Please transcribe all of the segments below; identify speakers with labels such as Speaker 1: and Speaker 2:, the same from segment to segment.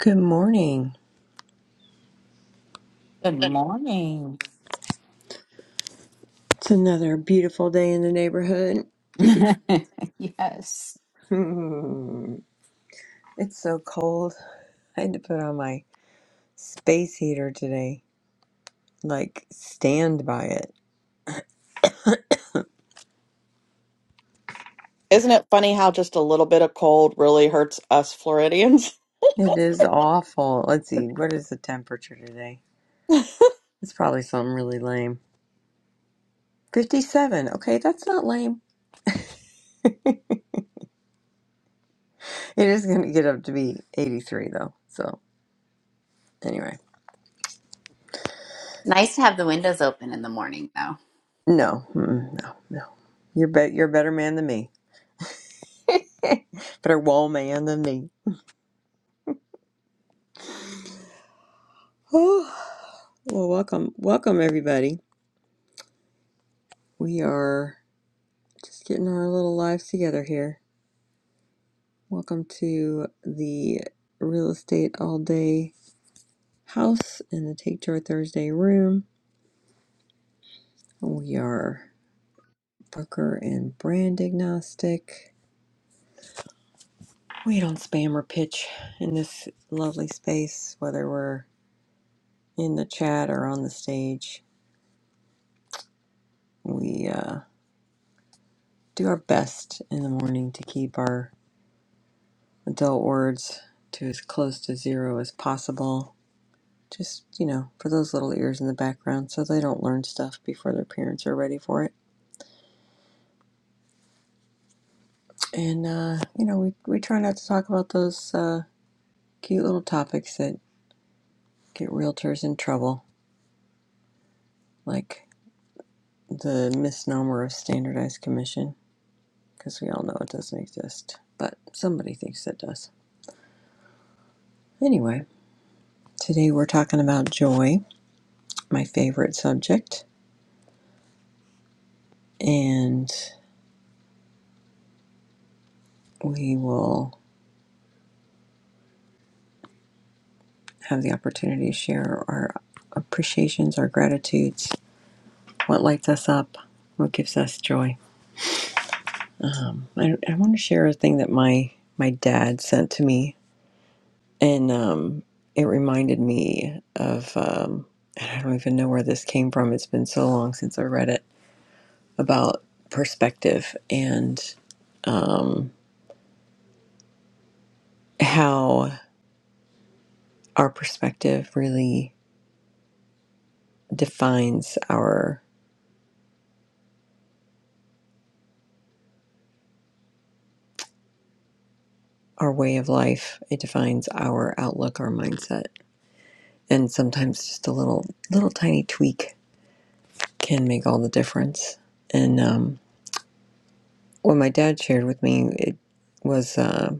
Speaker 1: Good morning.
Speaker 2: Good morning.
Speaker 1: It's another beautiful day in the neighborhood.
Speaker 2: yes.
Speaker 1: Hmm. it's so cold. I had to put on my space heater today. Like, stand by it.
Speaker 3: Isn't it funny how just a little bit of cold really hurts us Floridians?
Speaker 1: It is awful. Let's see, what is the temperature today? It's probably something really lame. 57. Okay, that's not lame. It is going to get up to be 83, though. So, anyway.
Speaker 4: Nice to have the windows open in the morning, though.
Speaker 1: No, mm, no, no. You're, bet you're a better man than me. Better wall man than me. well, welcome. Welcome, everybody. We are just getting our little lives together here. Welcome to the Real Estate All Day House in the Take Joy Thursday room. We are broker and brand agnostic. We don't spam or pitch in this lovely space, whether we're in the chat or on the stage. We uh, do our best in the morning to keep our adult words to as close to zero as possible just you know for those little ears in the background so they don't learn stuff before their parents are ready for it and uh, you know we, we try not to talk about those uh, cute little topics that get realtors in trouble like the misnomer of standardized commission because we all know it doesn't exist but somebody thinks it does anyway today we're talking about joy my favorite subject and we will have the opportunity to share our appreciations our gratitudes what lights us up, what gives us joy. Um, I, I want to share a thing that my my dad sent to me, and um, it reminded me of um, and I don't even know where this came from. It's been so long since I read it about perspective and um, how our perspective really defines our our way of life. It defines our outlook, our mindset, and sometimes just a little little tiny tweak can make all the difference. And um, what my dad shared with me it was uh,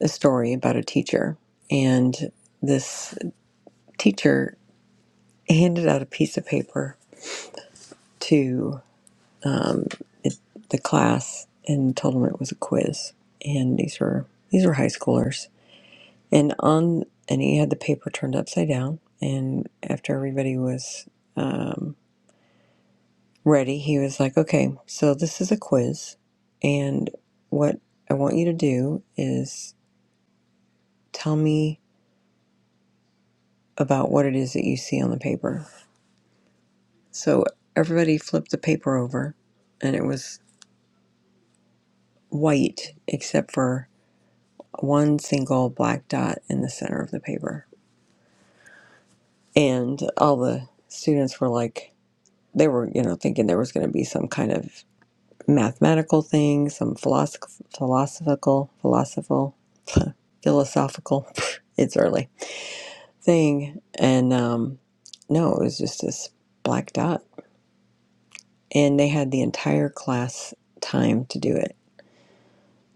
Speaker 1: a story about a teacher, and this teacher handed out a piece of paper to um, it, the class and told them it was a quiz, and these were these were high schoolers, and on and he had the paper turned upside down, and after everybody was um, ready, he was like, okay, so this is a quiz. And what I want you to do is tell me about what it is that you see on the paper. So everybody flipped the paper over, and it was white except for one single black dot in the center of the paper. And all the students were like, they were, you know, thinking there was going to be some kind of mathematical things, some philosoph- philosophical, philosophical, philosophical. it's early thing, and um, no, it was just this black dot, and they had the entire class time to do it.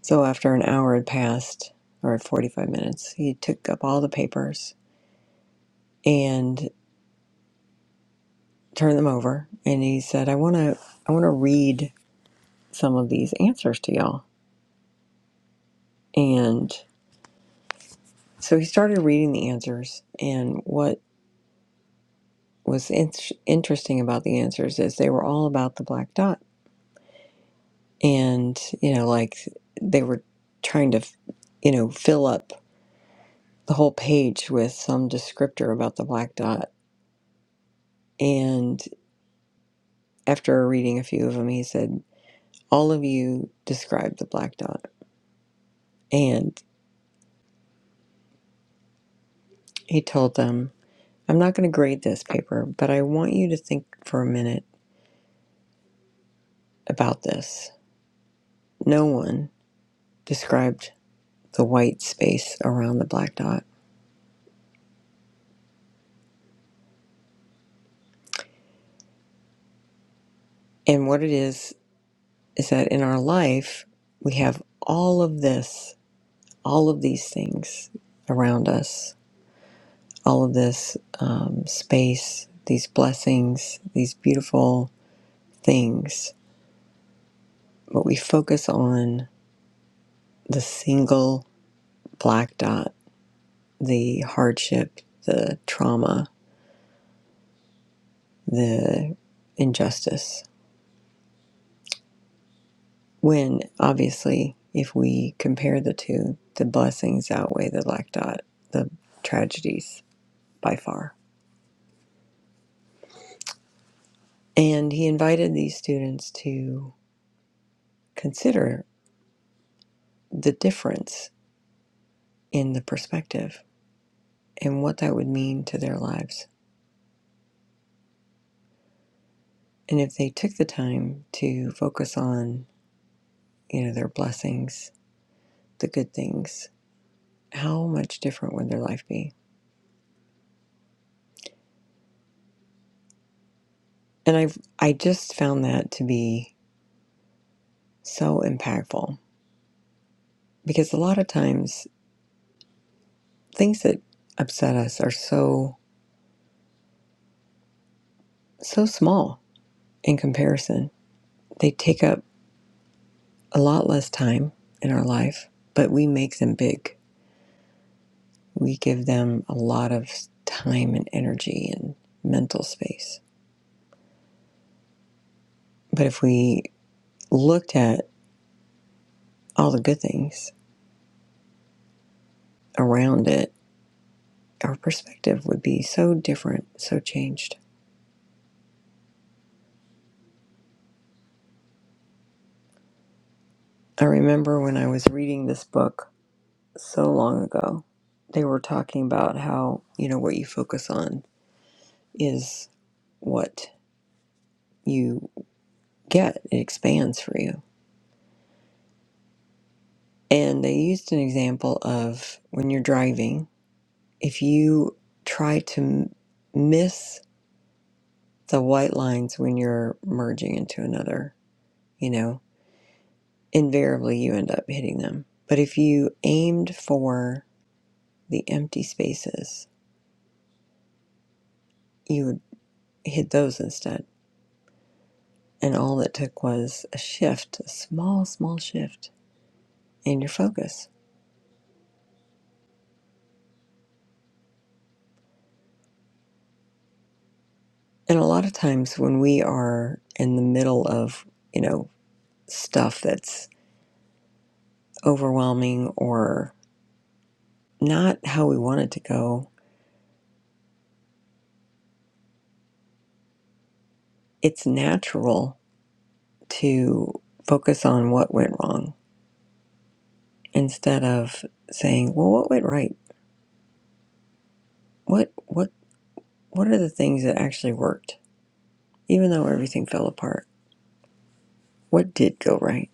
Speaker 1: So after an hour had passed, or forty-five minutes, he took up all the papers and turned them over, and he said, "I want to, I want to read some of these answers to y'all." And so he started reading the answers, and what was in- interesting about the answers is they were all about the black dot and you know like they were trying to you know fill up the whole page with some descriptor about the black dot and after reading a few of them he said all of you describe the black dot and he told them i'm not going to grade this paper but i want you to think for a minute about this no one described the white space around the black dot and what it is is that in our life, we have all of this, all of these things around us, all of this um, space, these blessings, these beautiful things. But we focus on the single black dot, the hardship, the trauma, the injustice. When obviously, if we compare the two, the blessings outweigh the black dot, the tragedies by far. And he invited these students to consider the difference in the perspective and what that would mean to their lives. And if they took the time to focus on, you know, their blessings, the good things, how much different would their life be? And I've I just found that to be so impactful because a lot of times things that upset us are so so small in comparison. They take up a lot less time in our life, but we make them big. We give them a lot of time and energy and mental space. But if we looked at all the good things around it, our perspective would be so different, so changed. I remember when I was reading this book so long ago, they were talking about how, you know, what you focus on is what you get. It expands for you And they used an example of when you're driving, if you try to m- miss the white lines when you're merging into another, you know, invariably you end up hitting them. But if you aimed for the empty spaces, you would hit those instead. And all it took was a shift, a small, small shift in your focus. And a lot of times when we are in the middle of, you know, stuff that's overwhelming or not how we want it to go, it's natural to focus on what went wrong instead of saying, "Well, what went right? What what what are the things that actually worked, even though everything fell apart? What did go right?"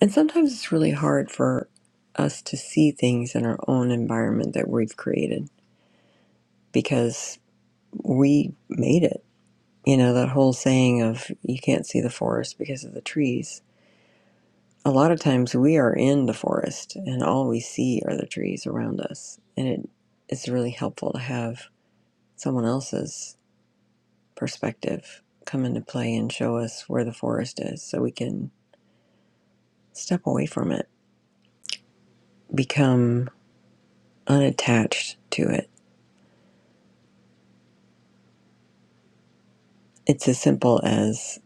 Speaker 1: And sometimes it's really hard for us to see things in our own environment that we've created because we made it. You know that whole saying of "you can't see the forest because of the trees." a lot of times we are in the forest and all we see are the trees around us and it's really helpful to have someone else's perspective come into play and show us where the forest is so we can step away from it become unattached to it it's as simple as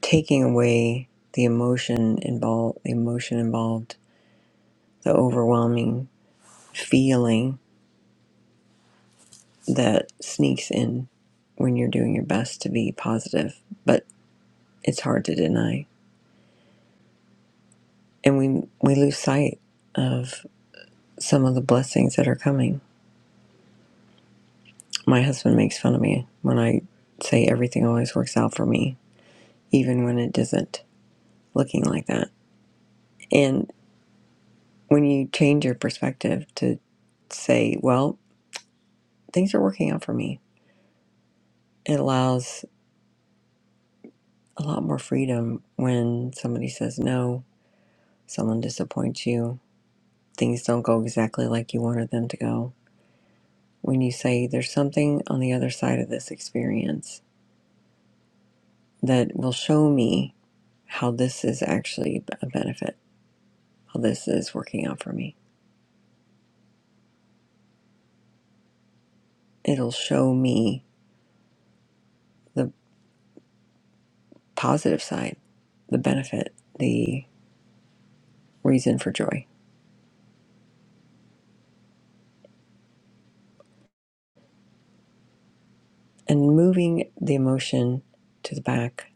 Speaker 1: taking away the emotion involved the emotion involved the overwhelming feeling that sneaks in when you're doing your best to be positive but. it's hard to deny. And we we lose sight of some of the blessings that are coming. My husband makes fun of me when I say everything always works out for me, even when it doesn't looking like that. And when you change your perspective to say, well, things are working out for me, it allows a lot more freedom when somebody says no, someone disappoints you, things don't go exactly like you wanted them to go. When you say there's something on the other side of this experience that will show me how this is actually a benefit, how this is working out for me. It'll show me the positive side, the benefit, the reason for joy. And moving the emotion to the back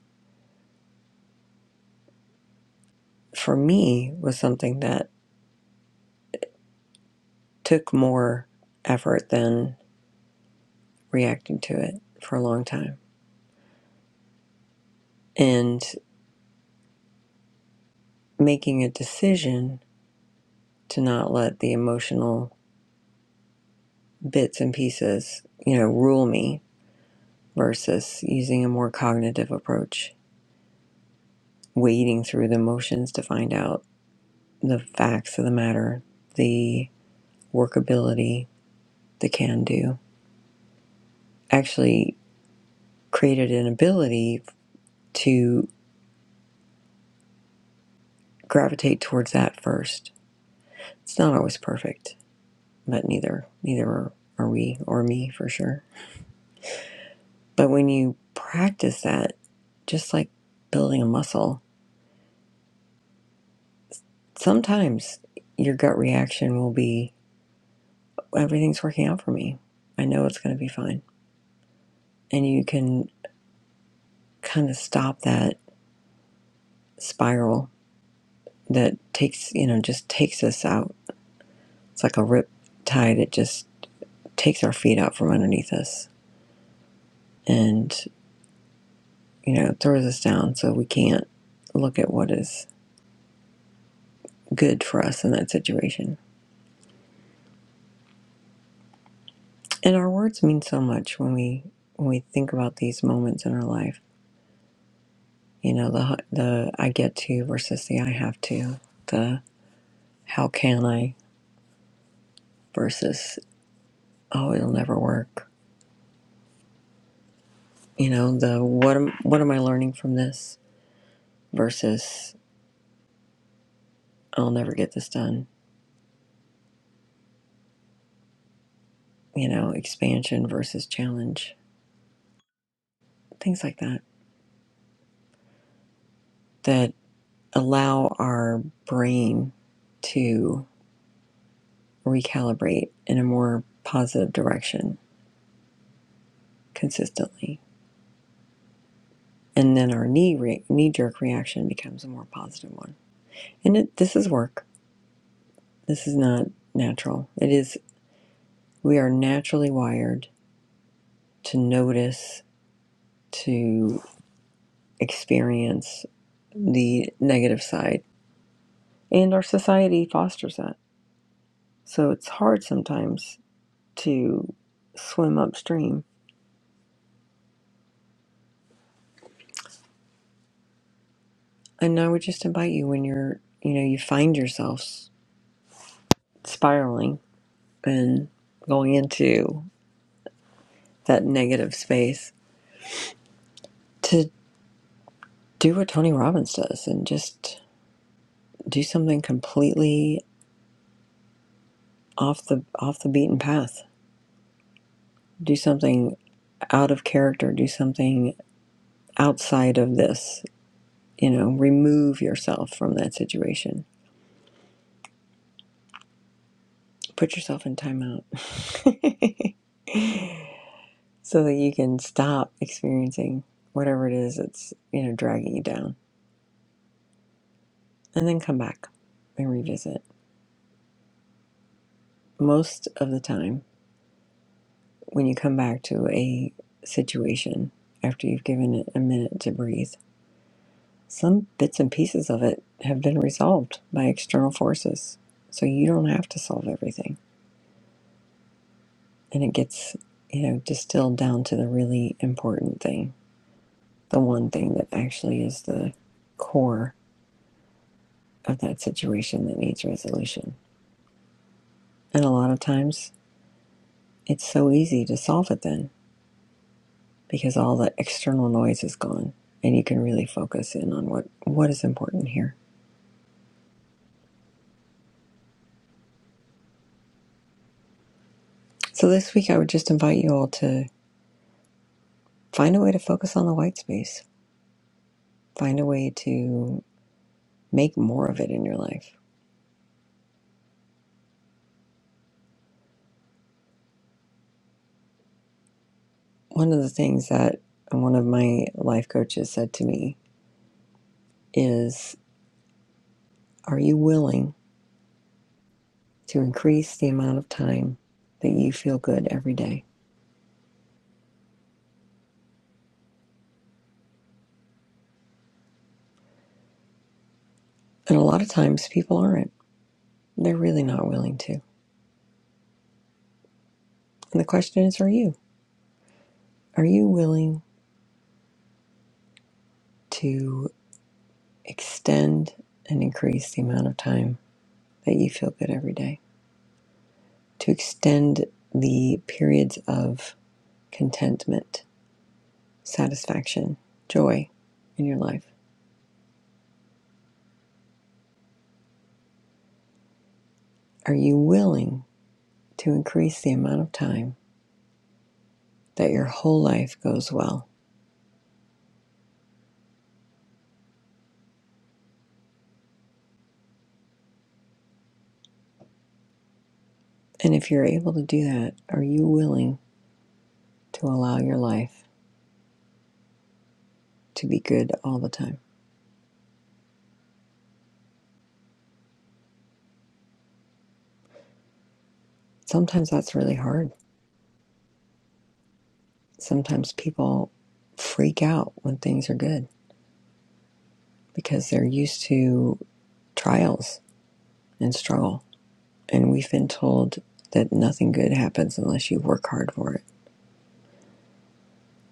Speaker 1: for me was something that took more effort than reacting to it for a long time. And making a decision to not let the emotional bits and pieces, you know, rule me versus using a more cognitive approach, wading through the motions to find out the facts of the matter, the workability, the can do. Actually, created an ability to gravitate towards that first. It's not always perfect, but neither neither are, are we or me for sure. But when you practice that, just like building a muscle, sometimes your gut reaction will be everything's working out for me. I know it's going to be fine. And you can kind of stop that spiral that takes, you know, just takes us out. It's like a rip tide. It just takes our feet out from underneath us and, you know, throws us down so we can't look at what is good for us in that situation. And our words mean so much when we when we think about these moments in our life. You know, the the I get to versus the I have to. The how can I versus oh it'll never work you know the what am what am i learning from this versus i'll never get this done you know expansion versus challenge things like that that allow our brain to recalibrate in a more positive direction consistently and then our knee re- knee jerk reaction becomes a more positive one and it, this is work this is not natural it is we are naturally wired to notice to experience the negative side. And our society fosters that. So it's hard sometimes to swim upstream. And I would just invite you when you're, you know, you find yourself spiraling and going into that negative space to do what Tony Robbins does and just do something completely off the off the beaten path. Do something out of character, do something outside of this you know, remove yourself from that situation. Put yourself in timeout so that you can stop experiencing whatever it is that's, you know, dragging you down and then come back and revisit. Most of the time, when you come back to a situation after you've given it a minute to breathe, some bits and pieces of it have been resolved by external forces. So you don't have to solve everything and it gets you know distilled down to the really important thing the one thing that actually is the core of that situation that needs resolution and a lot of times it's so easy to solve it then because all the external noise is gone and you can really focus in on what what is important here so this week i would just invite you all to find a way to focus on the white space find a way to make more of it in your life one of the things that one of my life coaches said to me is are you willing to increase the amount of time that you feel good every day? And a lot of times people aren't. They're really not willing to. And the question is are you? Are you willing to extend and increase the amount of time that you feel good every day? To extend the periods of contentment, satisfaction, joy in your life? Are you willing to increase the amount of time that your whole life goes well? And if you're able to do that, are you willing to allow your life to be good all the time? Sometimes that's really hard. Sometimes people freak out when things are good because they're used to trials and struggle. And we've been told that nothing good happens unless you work hard for it.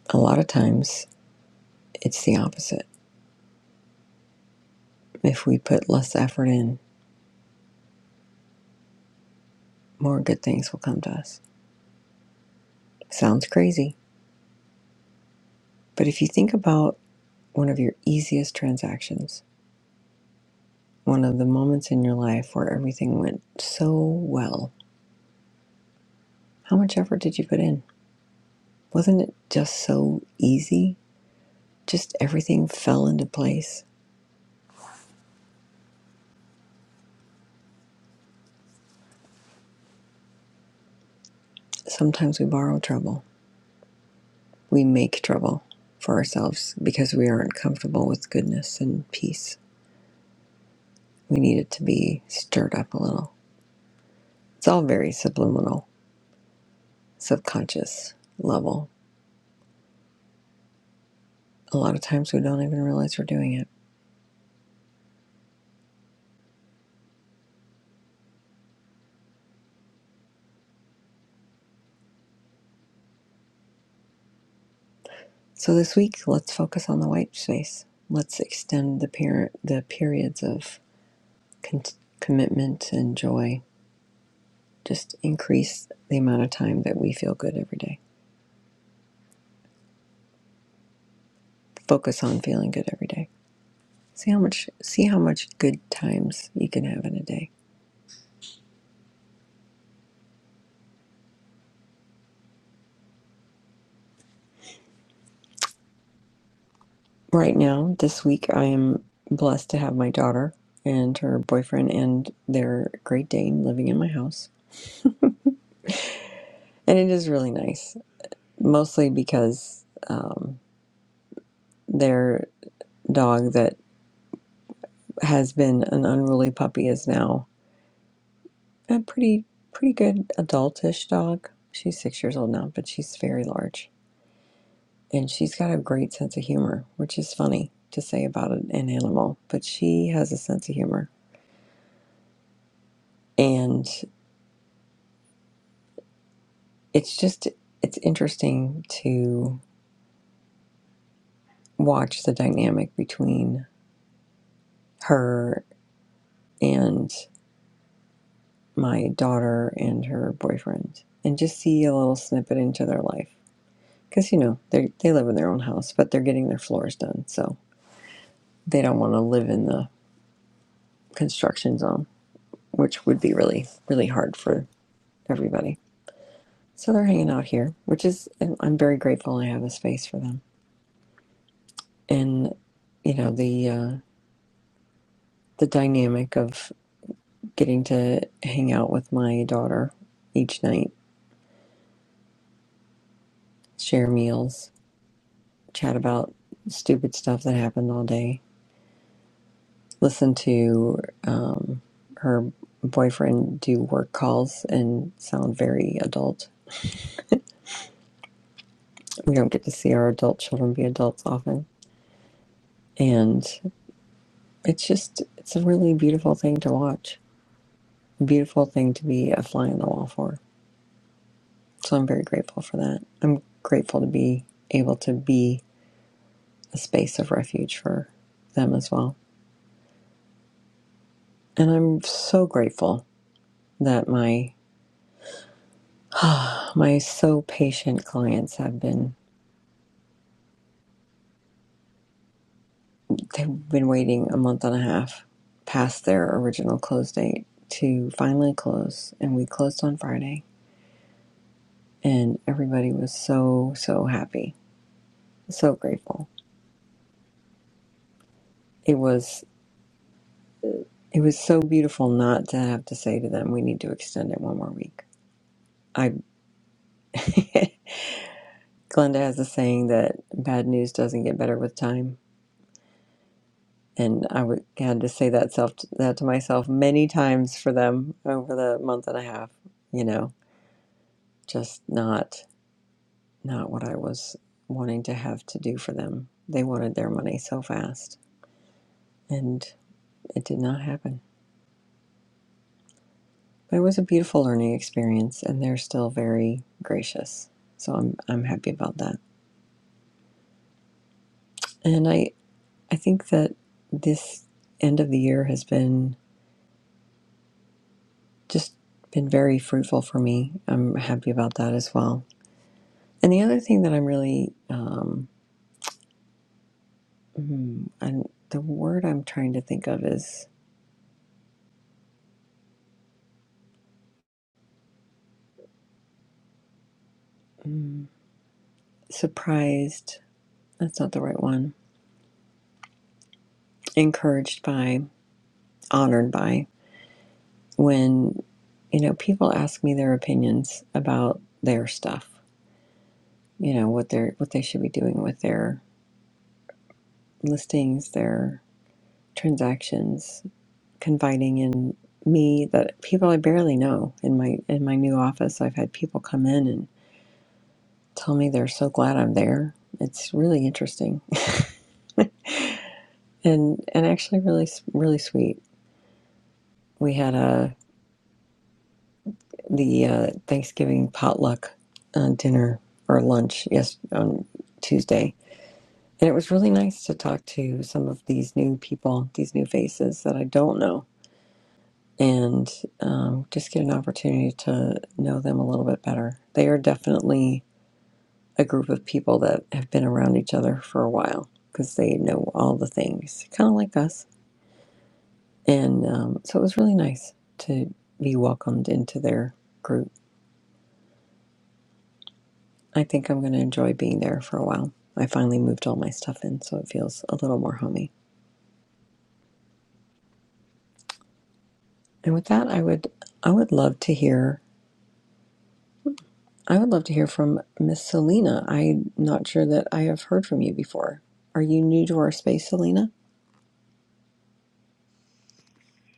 Speaker 1: A lot of times it's the opposite. If we put less effort in, more good things will come to us. Sounds crazy. But if you think about one of your easiest transactions, One of the moments in your life where everything went so well. How much effort did you put in? Wasn't it just so easy? Just everything fell into place. Sometimes we borrow trouble. We make trouble for ourselves because we aren't comfortable with goodness and peace. We need it to be stirred up a little. It's all very subliminal, subconscious level. A lot of times we don't even realize we're doing it. So this week, let's focus on the white space. Let's extend the per- the periods of con- commitment and joy. Just increase the amount of time that we feel good every day. Focus on feeling good every day. See how much see how much good times you can have in a day. Right now, this week, I am blessed to have my daughter and her boyfriend and their Great Dane living in my house, and it is really nice. Mostly because um, their dog that has been an unruly puppy is now a pretty pretty good adultish dog. She's six years old now, but she's very large. And she's got a great sense of humor, which is funny to say about an animal, but she has a sense of humor. And it's just it's interesting to watch the dynamic between her and my daughter and her boyfriend and just see a little snippet into their life because you know they they live in their own house, but they're getting their floors done, so they don't want to live in the construction zone, which would be really really hard for everybody. So they're hanging out here, which is I'm very grateful I have a space for them, and you know the uh, the dynamic of getting to hang out with my daughter each night, share meals, chat about stupid stuff that happened all day listen to um, her boyfriend do work calls and sound very adult. We don't get to see our adult children be adults often. And it's just, it's a really beautiful thing to watch, beautiful thing to be a fly on the wall for. So I'm very grateful for that. I'm grateful to be able to be a space of refuge for them as well. And I'm so grateful that my my so patient clients have been they've been waiting a month and a half past their original close date to finally close and we closed on friday and everybody was so so happy so grateful it was it was so beautiful not to have to say to them we need to extend it one more week i glenda has a saying that bad news doesn't get better with time and I would, had to say that self that to myself many times for them over the month and a half you know just not not what I was wanting to have to do for them. They wanted their money so fast, and it did not happen. But it was a beautiful learning experience, and they're still very gracious. So I'm I'm happy about that. And I I think that this end of the year has been just been very fruitful for me. I'm happy about that as well. And the other thing that I'm really um, mm, the word I'm trying to think of is mm, surprised. That's not the right one encouraged by, honored by when you know people ask me their opinions about their stuff. You know what they're what they should be doing with their listings, their transactions, confiding in me that people I barely know in my in my new office. I've had people come in and tell me they're so glad I'm there. It's really interesting and and actually really really sweet. We had a the uh, Thanksgiving potluck uh, dinner or lunch yes on Tuesday, and it was really nice to talk to some of these new people, these new faces that I don't know, and um, just get an opportunity to know them a little bit better. They are definitely a group of people that have been around each other for a while because they know all the things, kind of like us, and um, so it was really nice to be welcomed into their group I think I'm going to enjoy being there for a while. I finally moved all my stuff in, so it feels a little more homey. And with that, I would I would love to hear I would love to hear from Miss Selena. I'm not sure that I have heard from you before. Are you new to our space, Selena?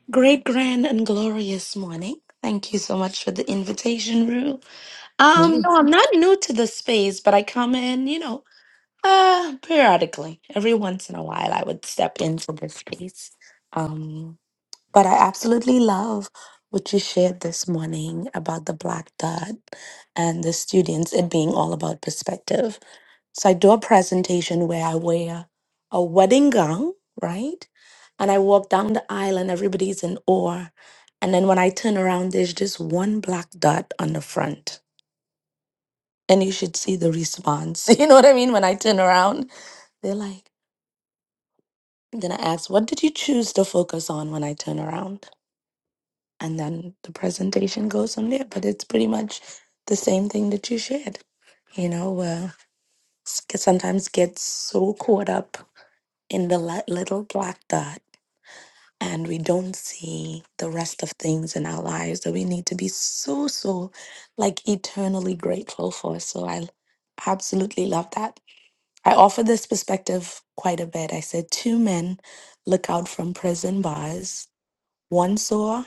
Speaker 5: Great, grand, and glorious morning. Thank you so much for the invitation, Rue. Um, no,
Speaker 1: Yes.
Speaker 5: I'm not new to the space, but I come in, you know, uh, periodically. Every once in a while, I would step into this space. Um, but I absolutely love what you shared this morning about the black dot and the students, it being all about perspective. So I do a presentation where I wear a wedding gown, right? And I walk down the aisle and everybody's in awe. And then when I turn around, there's just one black dot on the front. And you should see the response. You know what I mean? When I turn around, they're like, then I ask, what did you choose to focus on when I turn around? And then the presentation goes from there. But it's pretty much the same thing that you shared. You know, uh, s- sometimes get so caught up in the li- little black dot and we don't see the rest of things in our lives that we need to be so so like eternally grateful for so i l- absolutely love that i offer this perspective quite a bit i said two men look out from prison bars one saw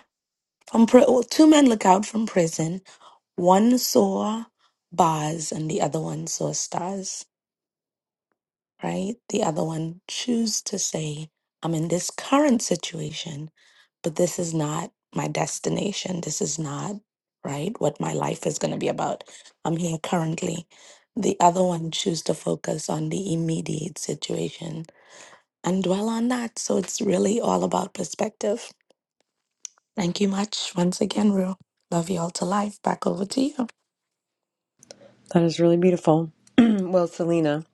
Speaker 5: from pri- oh, two men look out from prison one saw bars and the other one saw stars right? The other one, choose to say, I'm in this current situation, but this is not my destination. This is not, right, what my life is going to be about. I'm here currently. The other one, choose to focus on the immediate situation and dwell on that. So it's really all about perspective. Thank you much once again, Rue. Love you all to life. Back over to you.
Speaker 1: That is really beautiful. well, Selena,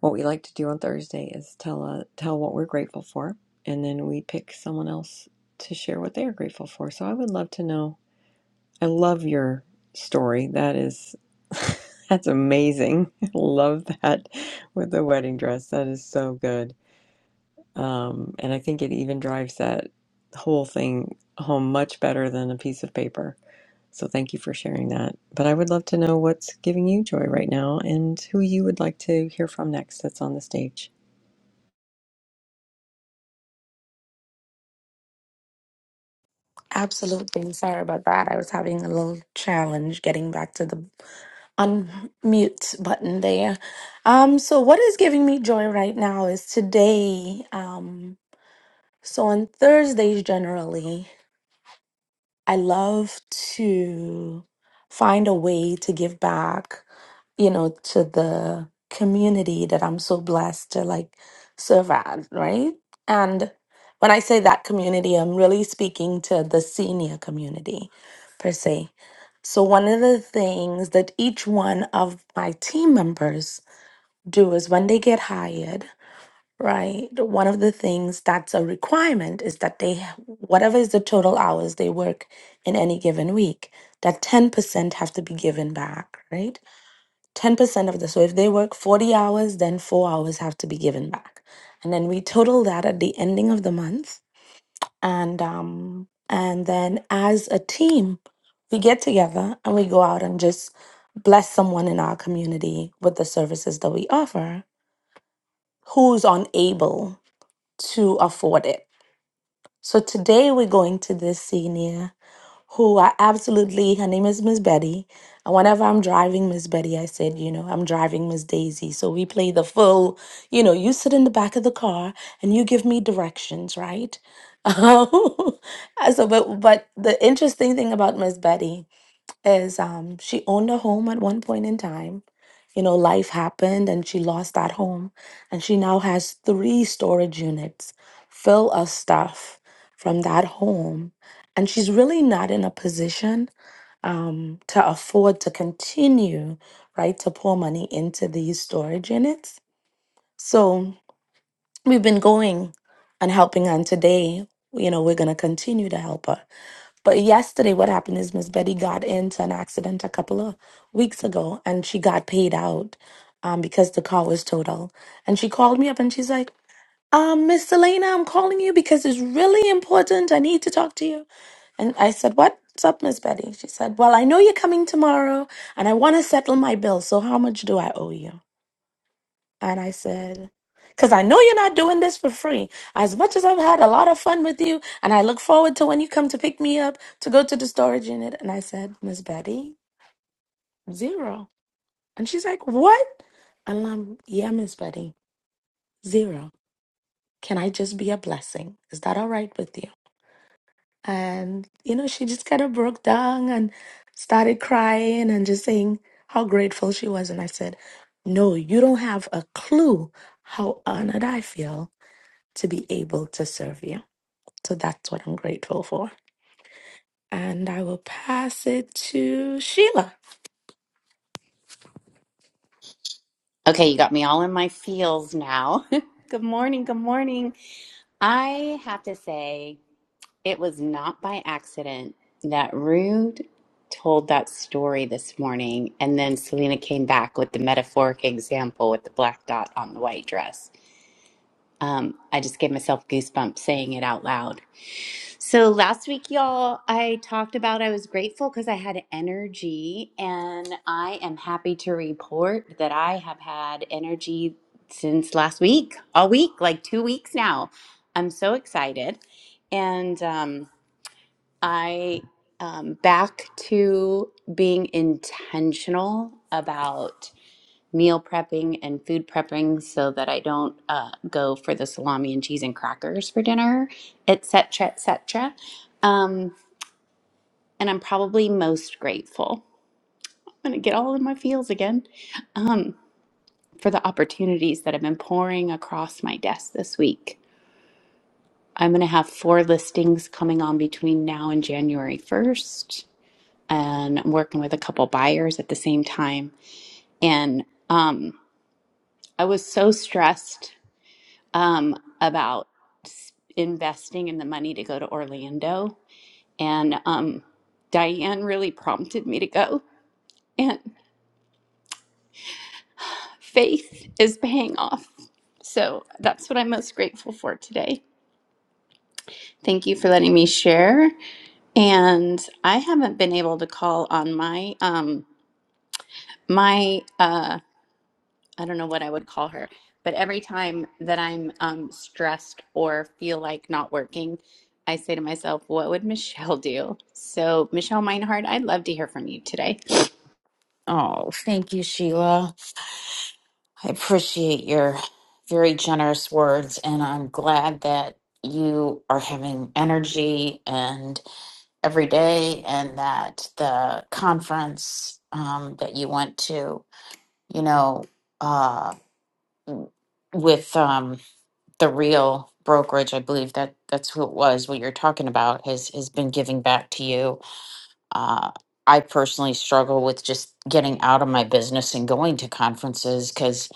Speaker 1: what we like to do on Thursday is tell uh, tell what we're grateful for, and then we pick someone else to share what they are grateful for. So I would love to know I love your story. That is, that's amazing. I love that with the wedding dress. That is so good. Um, and I think it even drives that whole thing home much better than a piece of paper. So thank you for sharing that. But I would love to know what's giving you joy right now and who you would like to hear from next that's on the stage.
Speaker 5: Absolutely. Sorry about that. I was having a little challenge getting back to the unmute button there. Um, so what is giving me joy right now is today. Um, so on Thursdays generally, I love to find a way to give back, you know, to the community that I'm so blessed to like serve at, right? And when I say that community, I'm really speaking to the senior community per se. So, one of the things that each one of my team members do is when they get hired, Right. The- One of the things that's a requirement is that they, ha- whatever is the total hours they work in any given week, that 10% have to be given back, right? 10% of the, so if they work 40 hours, then four hours have to be given back. And then we total that at the ending of the month. And, um, and then as a team, we get together and we go out and just bless someone in our community with the services that we offer who's unable to afford it. So today we're going to this senior who I absolutely, her name is Miss Betty. And whenever I'm driving Miss Betty, I said, you know, I'm driving Miss Daisy. So we play the full, you know, you sit in the back of the car and you give me directions, right? so, but, but the interesting thing about Miss Betty is um, she owned a home at one point in time. You know, life happened and she lost that home. And she now has three storage units full of stuff from that home. And she's really not in a position um, to afford to continue, right, to pour money into these storage units. So we've been going and helping her. And today, you know, we're going to continue to help her but yesterday, what happened is Miss Betty got into an accident a couple of weeks ago and she got paid out um, because the car was total. And she called me up and she's like, um, Miss Selena, I'm calling you because it's really important. I need to talk to you. And I said, What's up, Miss Betty? She said, Well, I know you're coming tomorrow and I want to settle my bill. So how much do I owe you? And I said, because I know you're not doing this for free. As much as I've had a lot of fun with you, and I look forward to when you come to pick me up to go to the storage unit. And I said, Miss Betty, zero. And she's like, what? And I'm, yeah, Miss Betty, zero. Can I just be a blessing? Is that all right with you? And, you know, she just kind of broke down and started crying and just saying how grateful she was. And I said, no, you don't have a clue how honored I feel to be able to serve you. So that's what I'm grateful for. And I will pass it to Sheila.
Speaker 4: Okay, you got me all in my feels now. good morning. Good morning. I have to say, it was not by accident that Rude told that story this morning, and then Selena came back with the metaphoric example with the black dot on the white dress. Um, I just gave myself goosebumps saying it out loud. So last week, y'all, I talked about I was grateful because I had energy, and I am happy to report that I have had energy since last week, all week, like two weeks now. I'm so excited. And um, I um, back to being intentional about meal prepping and food prepping so that I don't uh, go for the salami and cheese and crackers for dinner, etc., etc. Um, and I'm probably most grateful. I'm gonna get all in my feels again um, for the opportunities that have been pouring across my desk this week. I'm gonna have four listings coming on between now and January 1st, and I'm working with a couple buyers at the same time. And um, I was so stressed um, about s- investing in the money to go to Orlando. And um, Diane really prompted me to go, and faith is paying off. So that's what I'm most grateful for today. Thank you for letting me share. And I haven't been able to call on my um, my uh, I don't know what I would call her, but every time that I'm um, stressed or feel like not working, I say to myself, what would Michelle do? So, Michelle Meinhardt, I'd love to hear from you today.
Speaker 2: Oh, thank you, Sheila. I appreciate your very generous words, and I'm glad that you are having energy and every day, and that the conference um, that you went to, you know, uh, with um, the real brokerage, I believe that that's who it was. What you're talking about has has been giving back to you Uh, I personally struggle with just getting out of my business and going to conferences because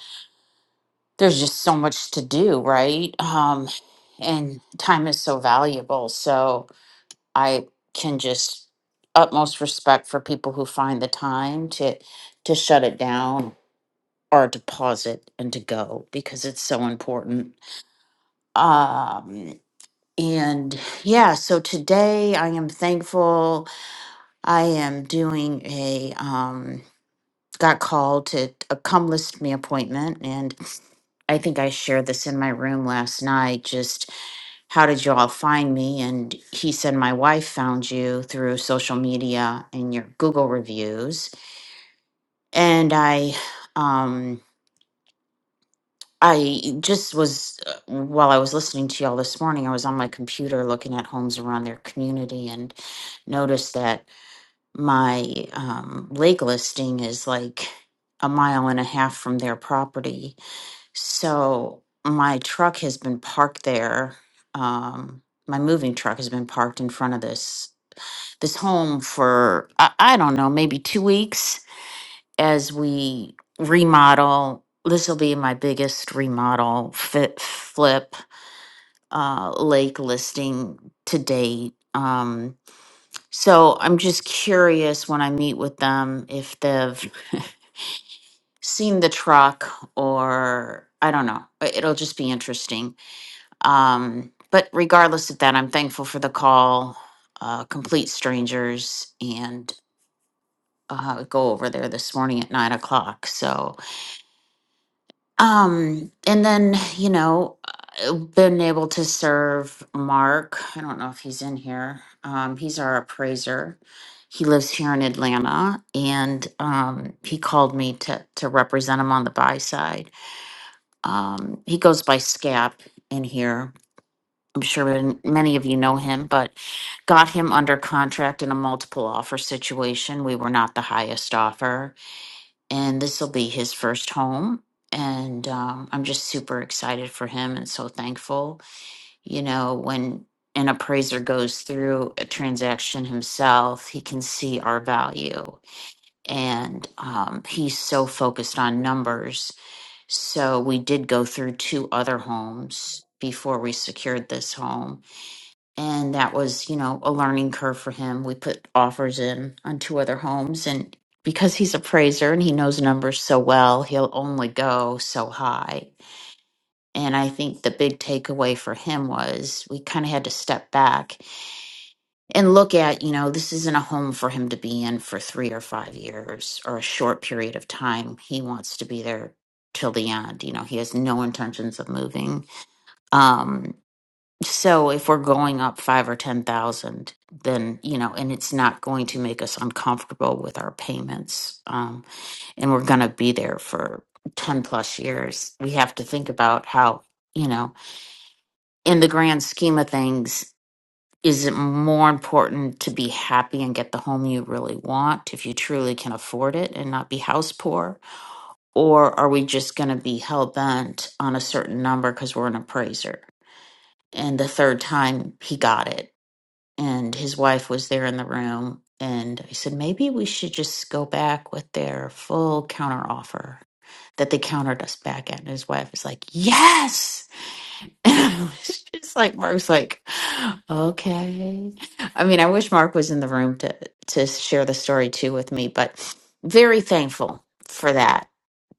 Speaker 2: there's just so much to do, right? Um, and time is so valuable. So I can just utmost respect for people who find the time to to shut it down or to pause it and to go because it's so important. Um, and yeah, so today I am thankful I am doing a um, got called to a come list me appointment and I think I shared this in my room last night just how did you all find me and he said my wife found you through social media and your Google reviews and I um I just was uh, while I was listening to y'all this morning I was on my computer looking at homes around their community and noticed that my um lake listing is like a mile and a half from their property So my truck has been parked there. Um, my moving truck has been parked in front of this this home for I, I don't know, maybe two weeks as we remodel. This will be my biggest remodel fit flip uh, lake listing to date. Um, so I'm just curious when I meet with them if they've seen the truck or I don't know. I- It'll just be interesting Um, but regardless of that, I'm thankful for the call, uh, complete strangers, and uh, go over there this morning at nine o'clock. So, um, and then, you know, uh, been able to serve Mark. I don't know if he's in here. Um, he's our appraiser. He lives here in Atlanta, and um, he called me to to represent him on the buy side. Um, he goes by Scap in here, I'm sure n- many of you know him, but got him under contract in a multiple offer situation. We were not the highest offer, and this will be his first home. And um, I'm just super excited for him and so thankful. You know, when an appraiser goes through a transaction himself, he can see our value. And um, he's so focused on numbers. So we did go through two other homes before we secured this home and that was you know a learning curve for him we put offers in on two other homes and because he's a praiser and he knows numbers so well he'll only go so high and i think the big takeaway for him was we kind of had to step back and look at you know this isn't a home for him to be in for 3 or 5 years or a short period of time he wants to be there till the end you know he has no intentions of moving Um, so if we're going up five or ten thousand, then you know, and it's not going to make us uncomfortable with our payments, um, and we're going to be there for ten plus years. We have to think about how you know, in the grand scheme of things, is it more important to be happy and get the home you really want if you truly can afford it and not be house poor, or are we just going to be hell bent on a certain number because we're an appraiser? And the third time he got it and his wife was there in the room and i said maybe we should just go back with their full counter offer that they countered us back at and his wife was like yes and i was just like mark's like okay i mean i wish mark was in the room to to share the story too with me but very thankful for that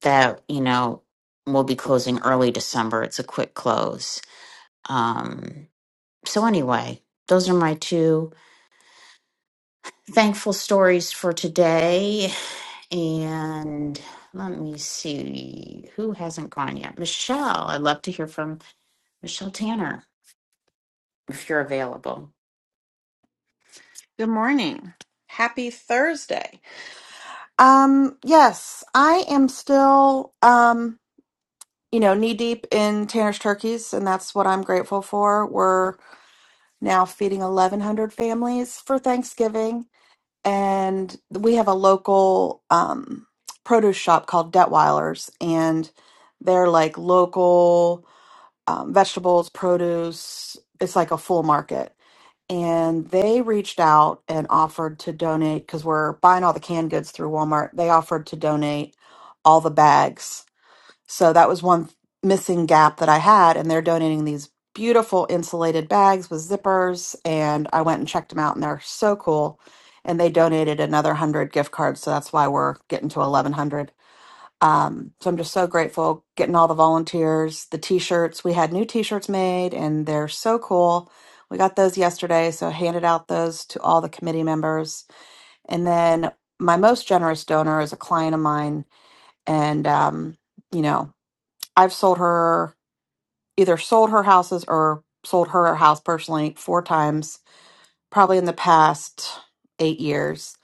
Speaker 2: that you know we'll be closing early december it's a quick close um so anyway those are my two thankful stories for today. And let me see who hasn't gone yet. Michelle, I'd love to hear from Michelle Tanner if you're available.
Speaker 3: Good morning. Happy Thursday. Um, yes, I am still um, you know, knee deep in Tanner's turkeys, and that's what I'm grateful for. We're now feeding 1,100 families for Thanksgiving, and we have a local um produce shop called Detweiler's, and they're like local um, vegetables, produce. It's like a full market. and they reached out and offered to donate because we're buying all the canned goods through Walmart. They offered to donate all the bags. So that was one missing gap that I had, and they're donating these beautiful insulated bags with zippers. And I went and checked them out, and they're so cool. And they donated another one hundred gift cards, so that's why we're getting to eleven hundred. Um, so I'm just so grateful getting all the volunteers, the t shirts. We had new t shirts made and they're so cool. We got those yesterday, so I handed out those to all the committee members. And then my most generous donor is a client of mine. And, um, you know, I've sold her either sold her houses or sold her house personally four times, probably in the past eight years.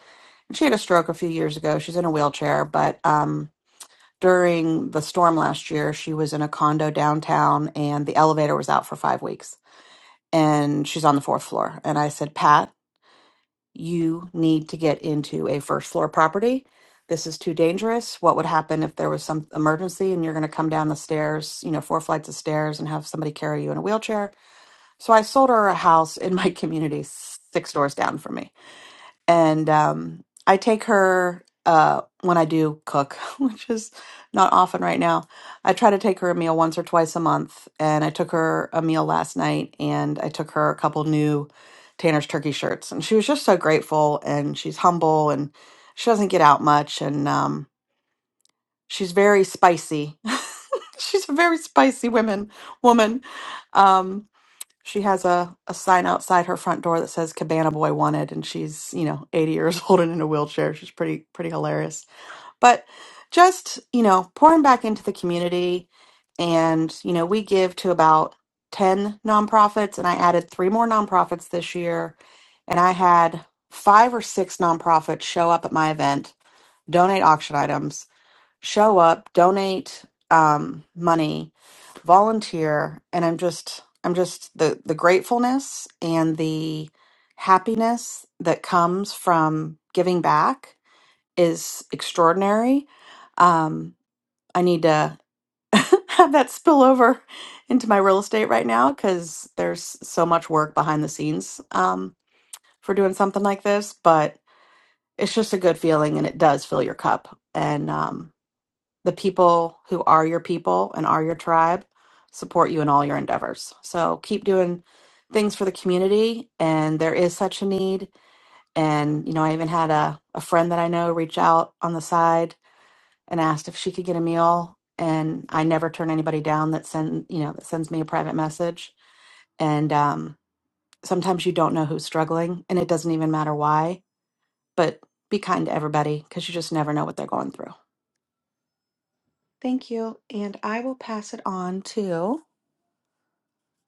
Speaker 3: And she had a stroke a few years ago. She's in a wheelchair, but, um, during the storm last year, she was in a condo downtown and the elevator was out for five weeks and she's on the fourth floor. And I said, Pat, you need to get into a first floor property. This is too dangerous. What would happen if there was some emergency and you're going to come down the stairs, you know, four flights of stairs and have somebody carry you in a wheelchair? So I sold her a house in my community, six doors down from me and um, I take her uh, when I do cook, which is not often right now. I try to take her a meal once or twice a month, and I took her a meal last night, and I took her a couple new Tanner's turkey shirts, and she was just so grateful, and she's humble, and she doesn't get out much, and um, she's very spicy. she's a very spicy woman, woman. Um, she has a, a sign outside her front door that says Cabana Boy Wanted, and she's, you know, 80 years old and in a wheelchair. She's pretty, pretty hilarious. But just, you know, pouring back into the community. And, you know, we give to about 10 nonprofits, and I added three more nonprofits this year. And I had five or six nonprofits show up at my event, donate auction items, show up, donate um, money, volunteer, and I'm just I'm just the the gratefulness and the happiness that comes from giving back is extraordinary. Um, I need to have that spill over into my real estate right now because there's so much work behind the scenes um, for doing something like this, but it's just a good feeling and it does fill your cup. And um, the people who are your people and are your tribe support you in all your endeavors. So keep doing things for the community and there is such a need. And, you know, I even had a, a friend that I know reach out on the side and asked if she could get a meal. And I never turn anybody down that send you know, that sends me a private message. And um sometimes you don't know who's struggling and it doesn't even matter why. But be kind to everybody because you just never know what they're going through. Thank you. And I will pass it on to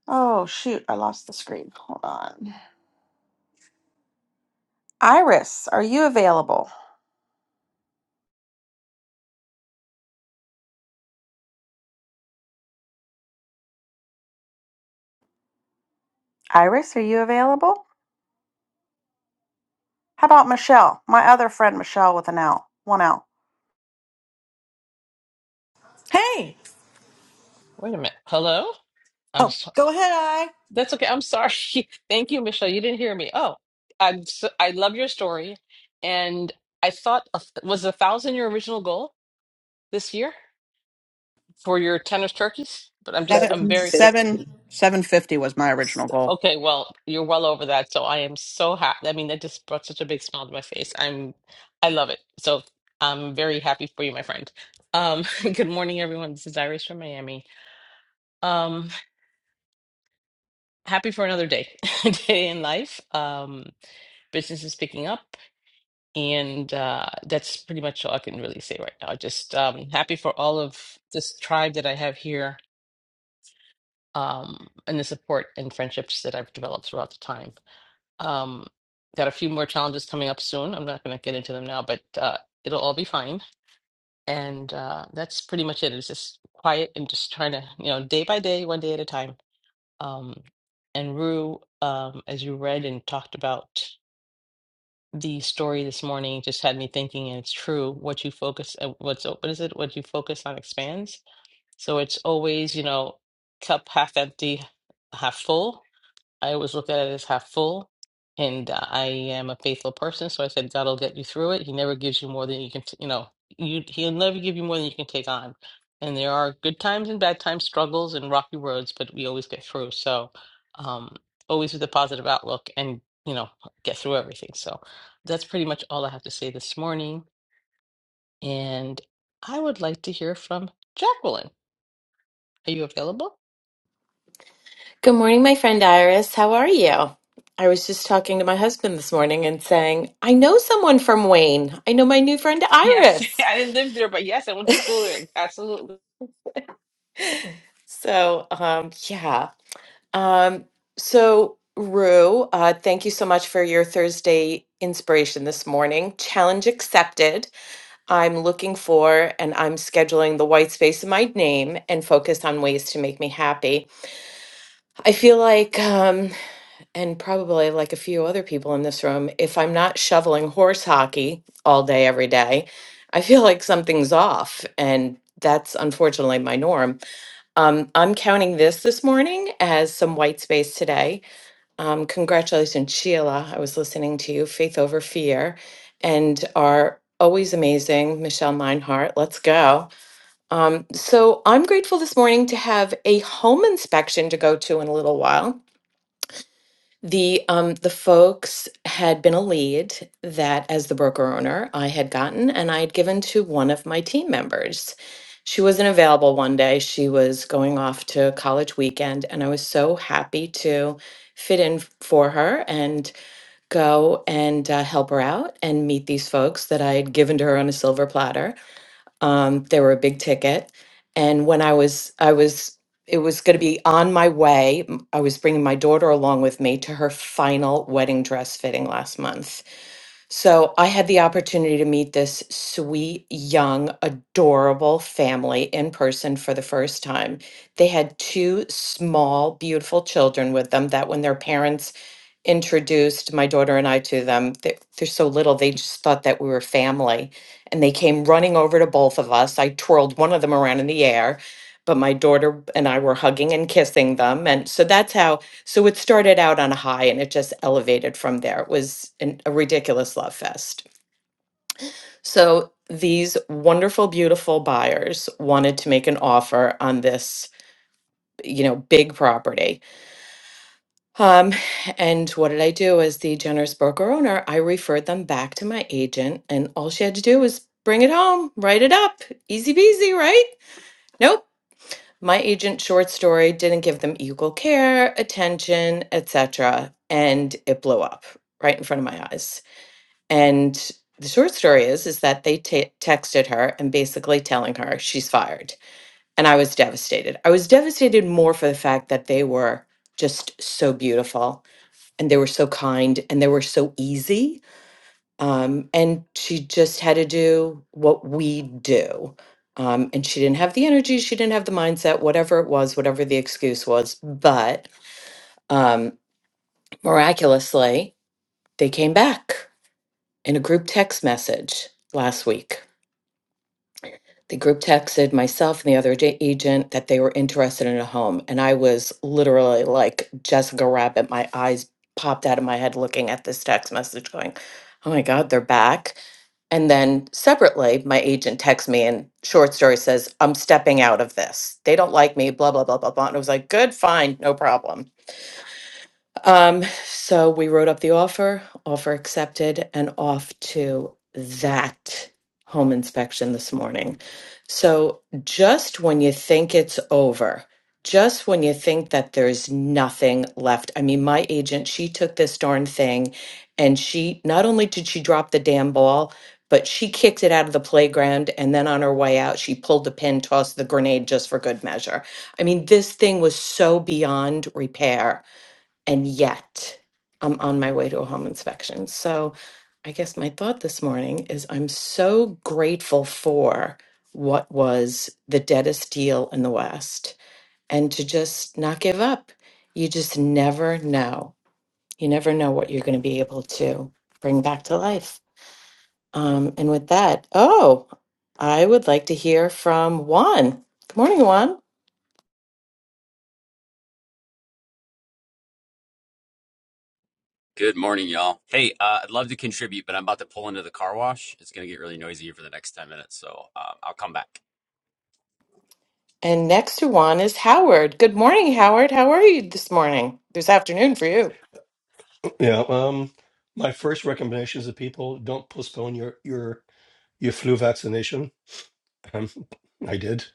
Speaker 3: Oh, shoot. I lost the screen. Hold on. Iris, are you available? Iris, are you available? How about Michelle? My other friend, Michelle, with an L, one L.
Speaker 6: Hey.
Speaker 7: Wait a minute. Hello? I'm
Speaker 6: Oh,
Speaker 7: so-
Speaker 6: go ahead, I.
Speaker 7: That's okay. I'm sorry. Thank you, Michelle. You didn't hear me. Oh, I'm so, I love your story. And I thought a th- was a thousand your original goal this year for your tennis turkeys, but I'm just
Speaker 3: Seven,
Speaker 7: I'm very
Speaker 3: seven,
Speaker 1: 750.
Speaker 3: seven fifty was my original goal.
Speaker 7: okay. Well, you're well over that, so I am so happy. I mean, that just brought such a big smile to my face. I'm I love it. So I'm very happy for you, my friend. Um, good morning, everyone. This is Iris from Miami. Um, happy for another day, day in life. Um, business is picking up, and uh, that's pretty much all I can really say right now. Just um, happy for all of this tribe that I have here, um, and the support and friendships that I've developed throughout the time. Um, got a few more challenges coming up soon. I'm not going to get into them now, but uh, it'll all be fine. And uh, that's pretty much it. It's just quiet and just trying to, you know, day by day, one day at a time. Um, and Rue, um, as you read and talked about. the story this morning just had me thinking, and it's true. What you focus, uh, what's o- what is it? What you focus on expands. So it's always, you know, cup half empty, half full. I always look at it as half full, and uh, I am a faithful person. So I said, God will get you through it. He never gives you more than you can, t- you know, you, he'll never give you more than you can take on. And there are good times and bad times, struggles and rocky roads, but we always get through. So um, always with a positive outlook and, you know, get through everything. So that's pretty much all I have to say this morning. And I would like to hear from Jacqueline. Are you available?
Speaker 8: Good morning, my friend Iris. How are you? I was just talking to my husband this morning and saying, I know someone from Wayne. I know my new friend
Speaker 7: Yeah.
Speaker 8: Iris. So, um, yeah. Um, so, Rue, uh, thank you so much for your Thursday inspiration this morning. Challenge accepted. I'm looking for and I'm scheduling the white space in my name and focus on ways to make me happy. I feel like. Um, and probably like a few other people in this room, if I'm not shoveling horse hockey all day, every day, I feel like something's off. And that's unfortunately my norm. Um, I'm counting this this morning as some white space today. Um, congratulations, Sheila. I was listening to you, Faith Over Fear, and our always amazing Michelle Meinhardt. Let's go. Um, so I'm grateful this morning to have a home inspection to go to in a little while. The um the folks had been a lead that as the broker owner I had gotten and I had given to one of my team members. She wasn't available one day. She was going off to college weekend and I was so happy to fit in for her and go and uh, help her out and meet these folks that I had given to her on a silver platter um, they were a big ticket and when i was i was it was going to be on my way m- i was bringing my daughter along with me to her final wedding dress fitting last month so i had the opportunity to meet this sweet young adorable family in person for the first time they had two small beautiful children with them that when their parents introduced my daughter and I to them. They're, they're so little, they just thought that we were family. And they came running over to both of us. I twirled one of them around in the air, but my daughter and I were hugging and kissing them. And so that's how, so it started out on a high and it just elevated from there. It was an, a ridiculous love fest. So these wonderful, beautiful buyers wanted to make an offer on this, you know, big property Um, and what did I do as the generous broker owner? I referred them back to my agent, and all she had to do was bring it home, write it up. Easy peasy, right? Nope. My agent short story didn't give them equal care, attention, etc., and it blew up right in front of my eyes. And the short story is is that they ta texted her and basically telling her she's fired. And I was devastated. I was devastated more for the fact that they were just so beautiful and they were so kind and they were so easy. Um, and she just had to do what we do. Um, and she didn't have the energy, she didn't have the mindset, whatever it was, whatever the excuse was. But um, miraculously, they came back in a group text message last week The group texted myself and the other ag- agent that they were interested in a home. And I was literally like Jessica Rabbit. My eyes popped out of my head looking at this text message, going, Oh my God, they're back. And then separately, my agent texts me and short story says, I'm stepping out of this. They don't like me, blah, blah, blah, blah, blah. And I was like, good, fine, no problem. Um, so we wrote up the offer, offer accepted, and off to that home inspection this morning. So just when you think it's over, just when you think that there's nothing left. I mean, my agent, she took this darn thing and she not only did she drop the damn ball, but she kicked it out of the playground. And then on her way out, she pulled the pin, tossed the grenade just for good measure. I mean, this thing was so beyond repair and yet I'm on my way to a home inspection. So I guess my thought this morning is I'm so grateful for what was the deadest deal in the West and to just not give up. You just never know. You never know what you're going to be able to bring back to life. Um, and with that, oh, I would like to hear from Juan. Good morning, Juan.
Speaker 9: Good morning, y'all. Hey, uh, I'd love to contribute, but I'm about to pull into the car wash. It's going to get really noisy here for the next 10 minutes, so um, I'll come back.
Speaker 8: And next to Juan is Howard. Good morning, Howard. How are you this morning? This afternoon for you.
Speaker 10: Yeah. Um, my first recommendation is that people don't postpone your your your flu vaccination. Um, I did.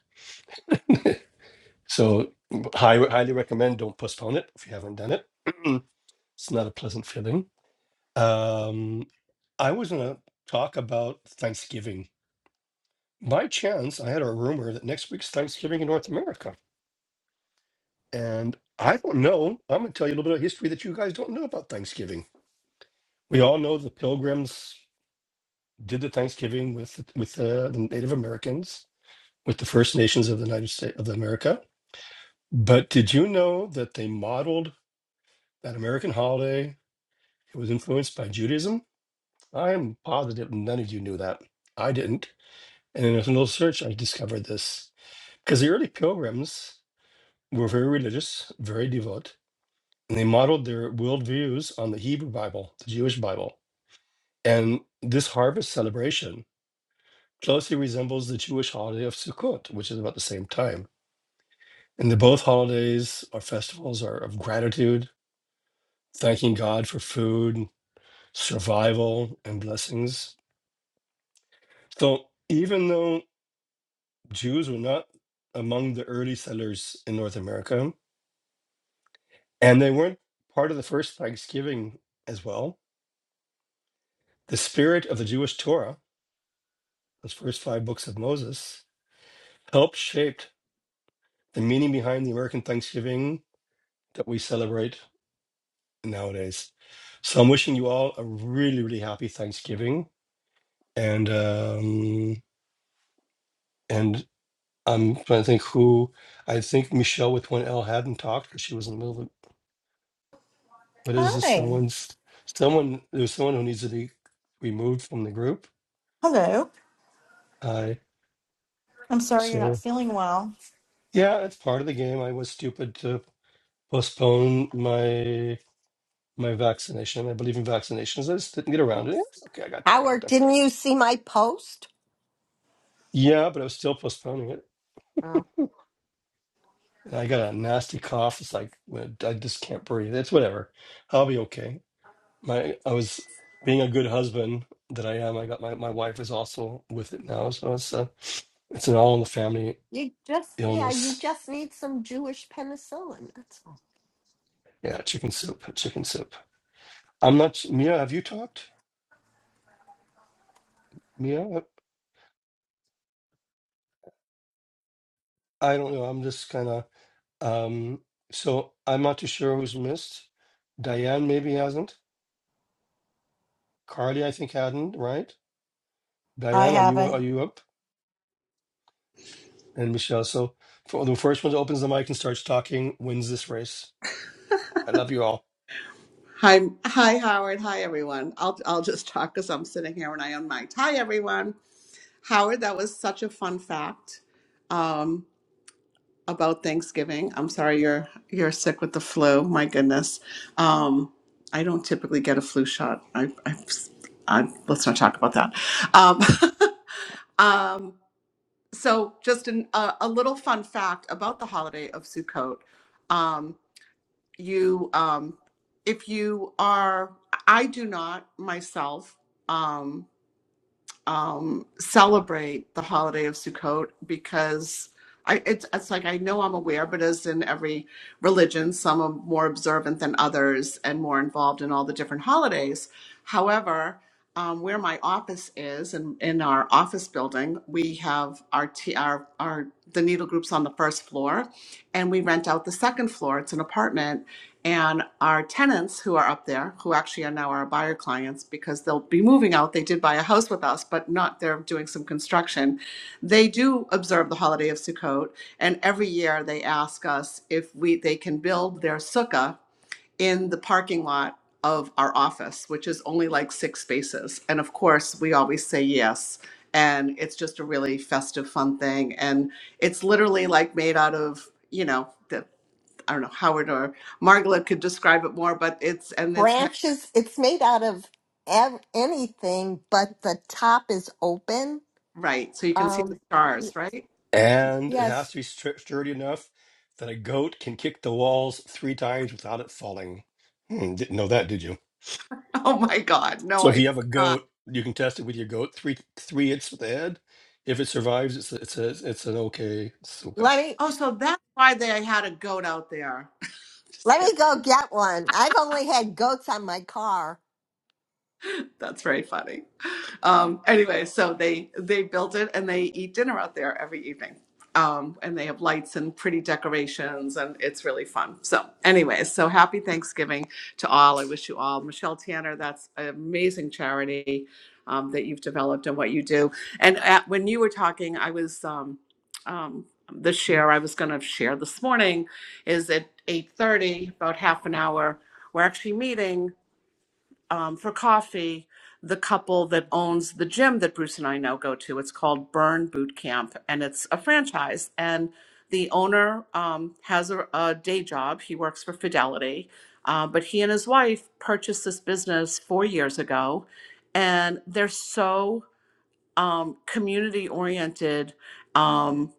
Speaker 10: So high, highly recommend don't postpone it if you haven't done it. it's not a pleasant feeling. Um, I was gonna talk about Thanksgiving. By chance, I had a rumor that next week's Thanksgiving in North America. And I don't know. I'm gonna tell you a little bit of history that you guys don't know about Thanksgiving. We all know the pilgrims did the Thanksgiving with with uh, the Native Americans with the First Nations of the United States of America. But did you know that they modeled that American holiday? It was influenced by Judaism. I am positive none of you knew that. I didn't. And in a little search, I discovered this because the early pilgrims were very religious, very devout, and they modeled their worldviews on the Hebrew Bible, the Jewish Bible. And this harvest celebration closely resembles the Jewish holiday of Sukkot, which is about the same time. And the both holidays or festivals are of gratitude, thanking God for food, survival, and blessings. So even though Jews were not among the early settlers in North America, and they weren't part of the first Thanksgiving as well, the spirit of the Jewish Torah, those first five books of Moses, helped shape the meaning behind the American Thanksgiving that we celebrate nowadays. So I'm wishing you all a really, really happy Thanksgiving and um and I'm trying to think who I think Michelle with one L hadn't talked because she was in the middle of what is this?
Speaker 6: Hi.
Speaker 10: Someone's someone there's someone who needs to be removed from the group.
Speaker 6: Hello.
Speaker 10: I
Speaker 6: I'm sorry you're not
Speaker 10: so
Speaker 6: feeling well.
Speaker 10: yeah, it's part of the game. I was stupid to postpone my my vaccination. I believe in vaccinations. I just didn't get around to it. It's okay, I got time. I got
Speaker 11: Howard,
Speaker 10: time.
Speaker 11: didn't you see my post?
Speaker 10: Yeah, but I was still postponing it.
Speaker 11: Oh.
Speaker 10: And I got a nasty cough. It's like I just can't breathe. It's whatever. I'll be okay. my I was being a good husband that I am. I got my my wife is also with it now, so it's a it's an all in the family
Speaker 11: You just, yeah, you
Speaker 10: illness.
Speaker 11: just need some Jewish penicillin. That's all.
Speaker 10: Yeah, chicken soup, chicken soup. I'm not Mia. Have you talked, Mia? I don't know. I'm just kind of um. So I'm not too sure who's missed. Diane maybe hasn't. Carly I think hadn't. Right?
Speaker 6: I
Speaker 10: Diane, are you
Speaker 6: haven't.
Speaker 10: are you up? And Michelle. So for the first one that opens the mic and starts talking wins this race. I love you all.
Speaker 12: Hi, hi, Howard. Hi, everyone. I'll I'll just talk because I'm sitting here and I am mic. would Hi, everyone. Howard, that was such a fun fact um, about Thanksgiving. I'm sorry you're you're sick with the flu. My goodness. Um, I don't typically get a flu shot. I, I, I let's not talk about that. Um, um, so, just an, a, a little fun fact about the holiday of Sukkot. Um, you um if you are i do not myself um um celebrate the holiday of sukkot because i it's, it's like i know i'm aware but as in every religion some are more observant than others and more involved in all the different holidays however um, where my office is and in, in our office building we have our, t- our our the needle groups on the first floor and we rent out the second floor it's an apartment and our tenants who are up there, who actually are now our buyer clients, because they'll be moving out, they did buy a house with us, but not, they're doing some construction. They do observe the holiday of Sukkot, and every year they ask us if we, they can build their sukkah in the parking lot of our office, which is only like six spaces. And of course, we always say yes. And it's just a really festive, fun thing. And it's literally like made out of, you know, the, I don't know, Howard or Margaret could describe it more, but it's, and it's, ma-
Speaker 11: Branches, it's made out of ev- anything, but the top is open.
Speaker 12: right. So you can see the
Speaker 11: Um, y-
Speaker 12: stars, right?
Speaker 10: And it has
Speaker 11: yes,
Speaker 10: to be stri- sturdy enough that a goat can kick the walls three times without it falling. Hmm, didn't know that, did you?
Speaker 12: Oh my God. No,
Speaker 10: So
Speaker 12: I
Speaker 10: if
Speaker 12: did
Speaker 10: you have a
Speaker 12: not.
Speaker 10: goat, you can test it with your goat. Three three hits with the head. If it survives, it's a, it's a, it's an okay suka.
Speaker 11: let me
Speaker 12: Oh, so that's why they had a goat out there. just
Speaker 11: let
Speaker 12: kidding.
Speaker 11: me go get one. I've only had goats on my car.
Speaker 12: That's very funny. Um, anyway, so they they built it and they eat dinner out there every evening. Um, and they have lights and pretty decorations, and it's really fun. So, anyway, so happy Thanksgiving to all. I wish you all, Michelle Tanner. That's an amazing charity um, that you've developed and what you do. And at, when you were talking, I was um, um, the share I was going to share this morning is at eight thirty, about half an hour. We're actually meeting um, for coffee the couple that owns the gym that Bruce and I now go to. It's called Burn Boot Camp, and it's a franchise. And the owner um, has a, a day job. He works for Fidelity, uh, but he and his wife purchased this business four years ago, and they're so um, community oriented um,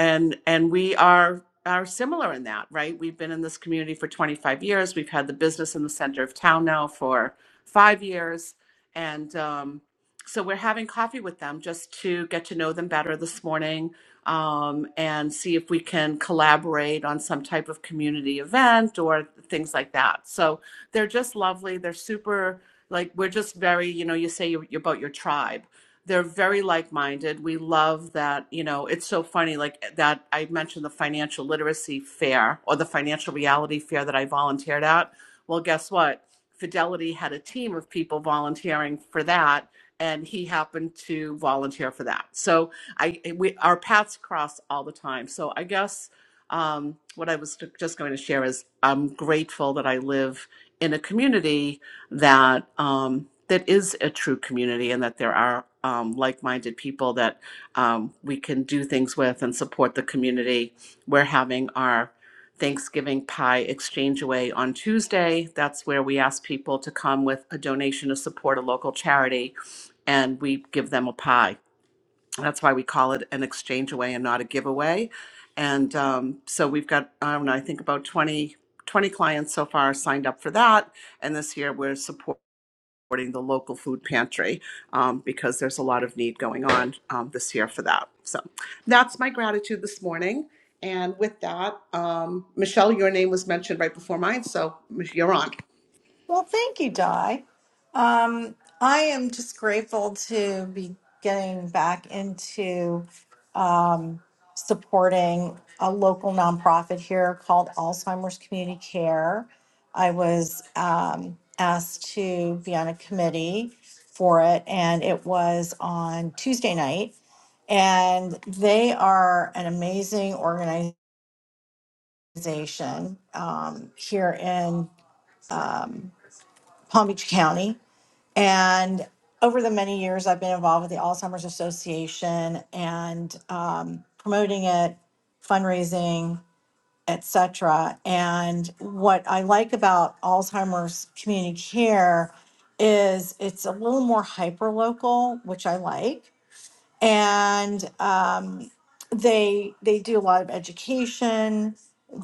Speaker 12: and and we are are similar in that right we've been in this community for 25 years we've had the business in the center of town now for five years and um, so we're having coffee with them just to get to know them better this morning um, and see if we can collaborate on some type of community event or things like that so they're just lovely they're super like we're just very you know you say you're, you're about your tribe they're very like-minded. We love that, you know, it's so funny like that I mentioned the financial literacy fair or the financial reality fair that I volunteered at. Well, guess what? Fidelity had a team of people volunteering for that and he happened to volunteer for that. So I we our paths cross all the time. So I guess um, what I was just going to share is I'm grateful that I live in a community that um, that is a true community and that there are um, like-minded people that um, we can do things with and support the community. We're having our Thanksgiving pie exchange away on Tuesday. That's where we ask people to come with a donation to support a local charity, and we give them a pie. That's why we call it an exchange away and not a giveaway. And um, so we've got, I don't know, I think about 20 20 clients so far signed up for that and this year we're supporting supporting the local food pantry um, because there's a lot of need going on um, this year for that. So that's my gratitude this morning. And with that, um, Michelle, your name was mentioned right before mine, so you're on.
Speaker 6: Well, thank you, Di. Um, I am just grateful to be getting back into um, supporting a local nonprofit here called Alzheimer's Community Care. I was um, asked to be on a committee for it, and it was on Tuesday night. And they are an amazing organization um, here in um, Palm Beach County and over the many years, I've been involved with the Alzheimer's Association and um, promoting it, fundraising, etc. And what I like about Alzheimer's community care is it's a little more hyper local, which I like and um, they they do a lot of education.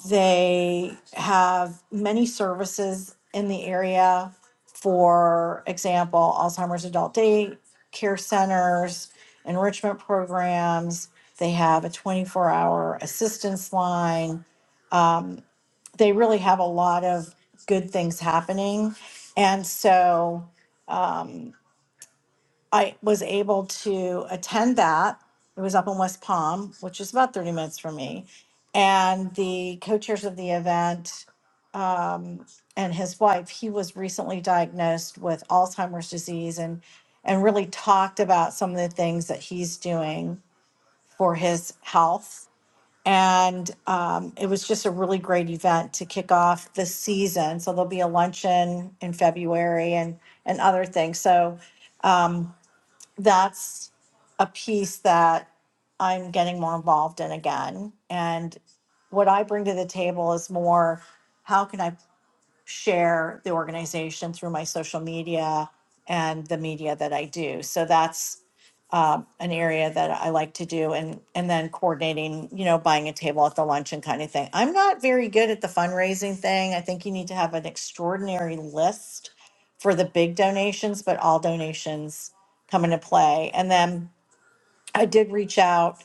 Speaker 6: They have many services in the area. For example, Alzheimer's adult day care centers, enrichment programs. They have a 24-hour assistance line. They really have a lot of good things happening, and so. I was able to attend that. It was up in West Palm, which is about 30 minutes from me. And the co chairs of the event and his wife, he was recently diagnosed with Alzheimer's disease and, and really talked about some of the things that he's doing for his health. And um, it was just a really great event to kick off the season. So there'll be a luncheon in February and, and other things. So um, that's a piece that I'm getting more involved in again. And what I bring to the table is more, how can I share the organization through my social media and the media that I do. So that's um, an area that I like to do, and and then coordinating, you know, buying a table at the luncheon kind of thing. I'm not very good at the fundraising thing. I think you need to have an extraordinary list for the big donations, but all donations come into play. And then I did reach out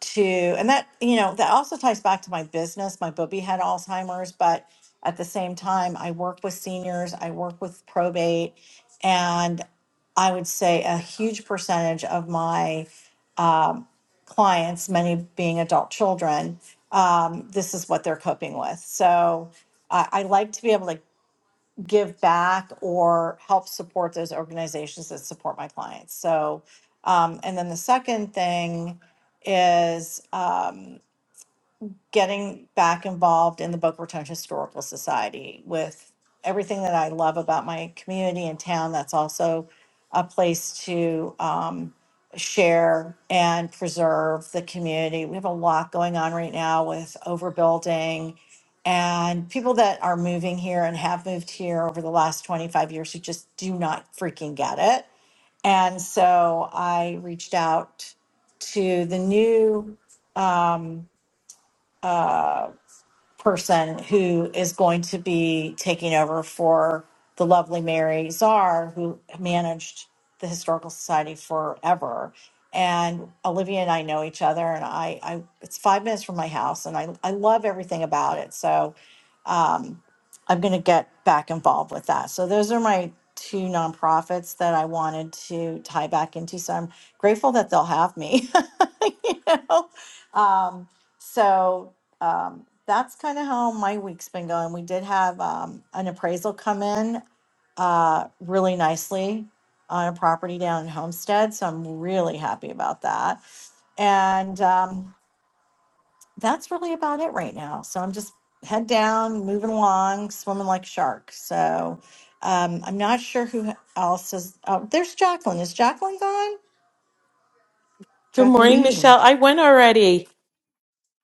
Speaker 6: to and that you know that also ties back to my business my booby had alzheimer's but at the same time i work with seniors i work with probate and i would say a huge percentage of my um, clients many being adult children um, this is what they're coping with so I, I like to be able to give back or help support those organizations that support my clients. So, um, and then the second thing is, um, getting back involved in the Boca Raton Historical Society with everything that I love about my community and town. That's also a place to um, share and preserve the community. We have a lot going on right now with overbuilding and people that are moving here and have moved here over the last 25 years who just do not freaking get it. And so I reached out to the new um, uh, person who is going to be taking over for the lovely Mary Czar, who managed the Historical Society forever. And Olivia and I know each other, and I, I it's five minutes from my house, and I, I love everything about it. So um, I'm going to get back involved with that. So those are my two nonprofits that I wanted to tie back into. So I'm grateful that they'll have me. you know um so um that's kind of how my week's been going we did have um an appraisal come in uh really nicely on a property down in homestead so i'm really happy about that and um that's really about it right now so i'm just head down moving along swimming like a shark so um i'm not sure who else is oh there's jacqueline is jacqueline gone
Speaker 8: Good morning,
Speaker 6: jacqueline
Speaker 8: Michelle. I went already.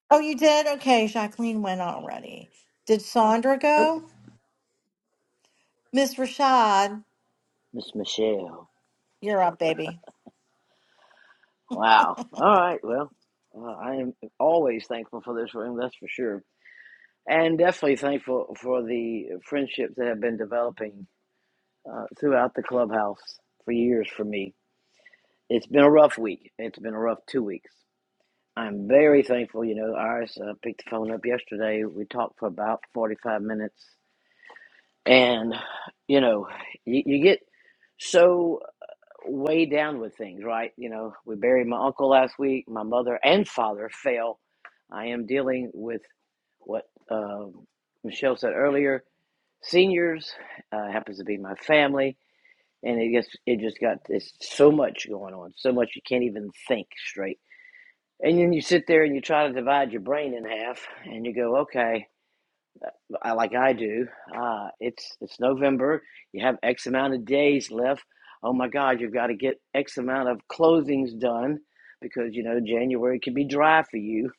Speaker 6: Oh, you did? Okay, Jacqueline went already. Did Sandra go? Miss Rashad,
Speaker 13: Miss Michelle.
Speaker 6: you're up, baby.
Speaker 13: Wow. All right. Well, uh, I am always thankful for this room, that's for sure. And definitely thankful for the friendships that have been developing uh, throughout the clubhouse for years for me. It's been a rough week. It's been a rough two weeks. I'm very thankful. You know, Iris uh, picked the phone up yesterday. We talked for about 45 minutes. And, you know, you, you get so way down with things, right? You know, we buried my uncle last week. My mother and father fell. I am dealing with what um Michelle said earlier. Seniors uh, happens to be my family, and it gets it just got it's so much going on, so much you can't even think straight. And then you sit there and you try to divide your brain in half, and you go, okay. I, like I do. Uh, it's it's November. You have X amount of days left. Oh my God, you've got to get X amount of closings done because you know January can be dry for you.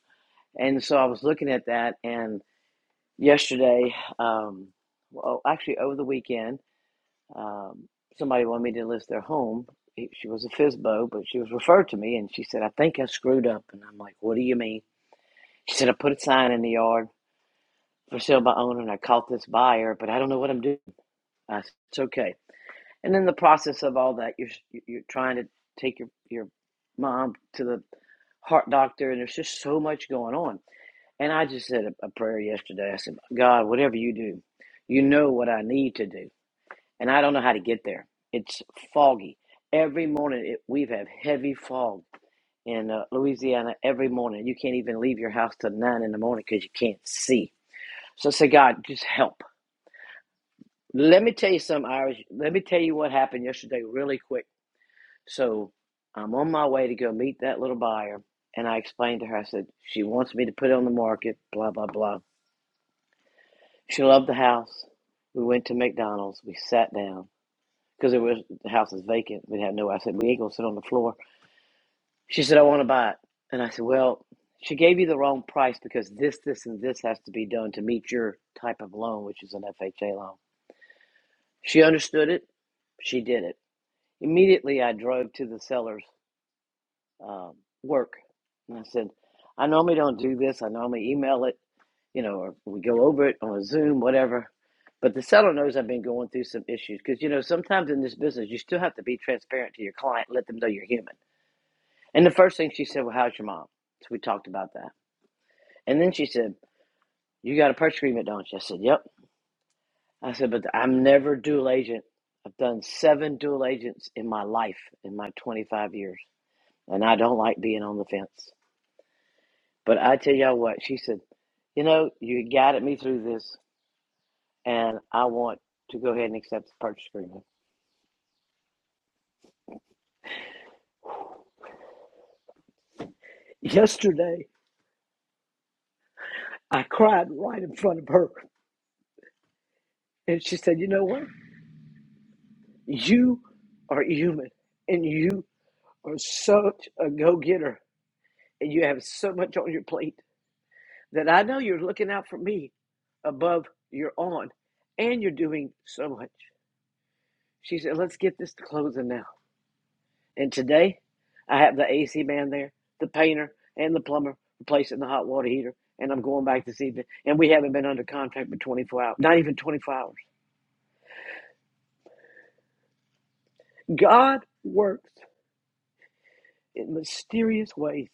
Speaker 13: And so I was looking at that, and yesterday, um, well, actually over the weekend, um, somebody wanted me to list their home. She was a FISBO, but she was referred to me, and she said, "I think I screwed up." And I'm like, "What do you mean?" She said, "I put a sign in the yard for sale by owner, and I caught this buyer, but I don't know what I'm doing." Uh, so it's okay. And in the process of all that, you're you're trying to take your your mom to the heart doctor, and there's just so much going on. And I just said a, a prayer yesterday. I said, God, whatever you do, you know what I need to do, and I don't know how to get there. It's foggy. Every morning it, we've had heavy fog in uh, Louisiana. Every morning you can't even leave your house till nine in the morning because you can't see. So I say, God, just help. Let me tell you something, Irish. Let me tell you what happened yesterday, really quick So I'm on my way to go meet that little buyer. And I explained to her, I said, she wants me to put it on the market, blah, blah, blah. She loved the house. We went to McDonald's. We sat down because it was the house is vacant. We had no, I said, we ain't going to sit on the floor. She said, I want to buy it. And I said, well, she gave you the wrong price because this, this, and this has to be done to meet your type of loan, which is an FHA loan. She understood it. She did it. Immediately, I drove to the seller's um, work. And I said, I normally don't do this. I normally email it, you know, or we go over it on a Zoom, whatever. But the seller knows I've been going through some issues because, you know, sometimes in this business, you still have to be transparent to your client, let them know you're human. And the first thing she said, Well, how's your mom? So we talked about that. And then she said, You got a purchase agreement, don't you? I said, Yep. I said, But I'm never dual agent. I've done seven dual agents in my life, in my 25 years, and I don't like being on the fence. But I tell y'all what, she said, you know, you guided me through this, and I want to go ahead and accept the purchase agreement. Yesterday, I cried right in front of her, and she said, you know what? You are human, and you are such a go getter, and you have so much on your plate that I know you're looking out for me above your on, and you're doing so much. She said, let's get this to closing now. And today, I have the AC man there, the painter, and the plumber replacing the hot water heater. And I'm going back this evening. And we haven't been under contract for 24 hours, not even 24 hours. God works in mysterious ways.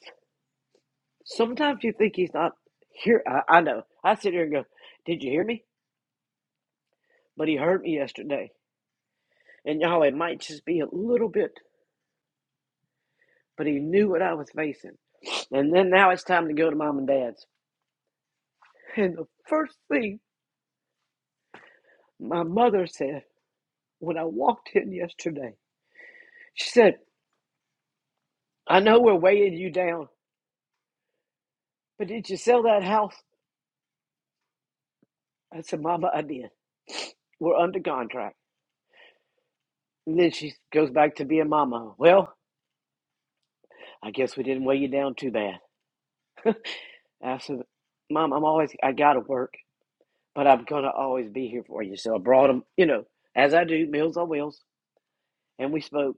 Speaker 13: Sometimes you think He's not here. I, I know. I sit here and go, Did you hear me? But He heard me yesterday. And y'all, it might just be a little bit, but He knew what I was facing. And then now it's time to go to mom and dad's. And the first thing my mother said, When I walked in yesterday, she said, I know we're weighing you down, but did you sell that house? I said, Mama, I did. We're under contract. And then she goes back to being Mama. Well, I guess we didn't weigh you down too bad. I said, Mom, I'm always, I gotta work, but I'm gonna always be here for you. So I brought them, you know, as I do, Meals on Wheels, and we spoke.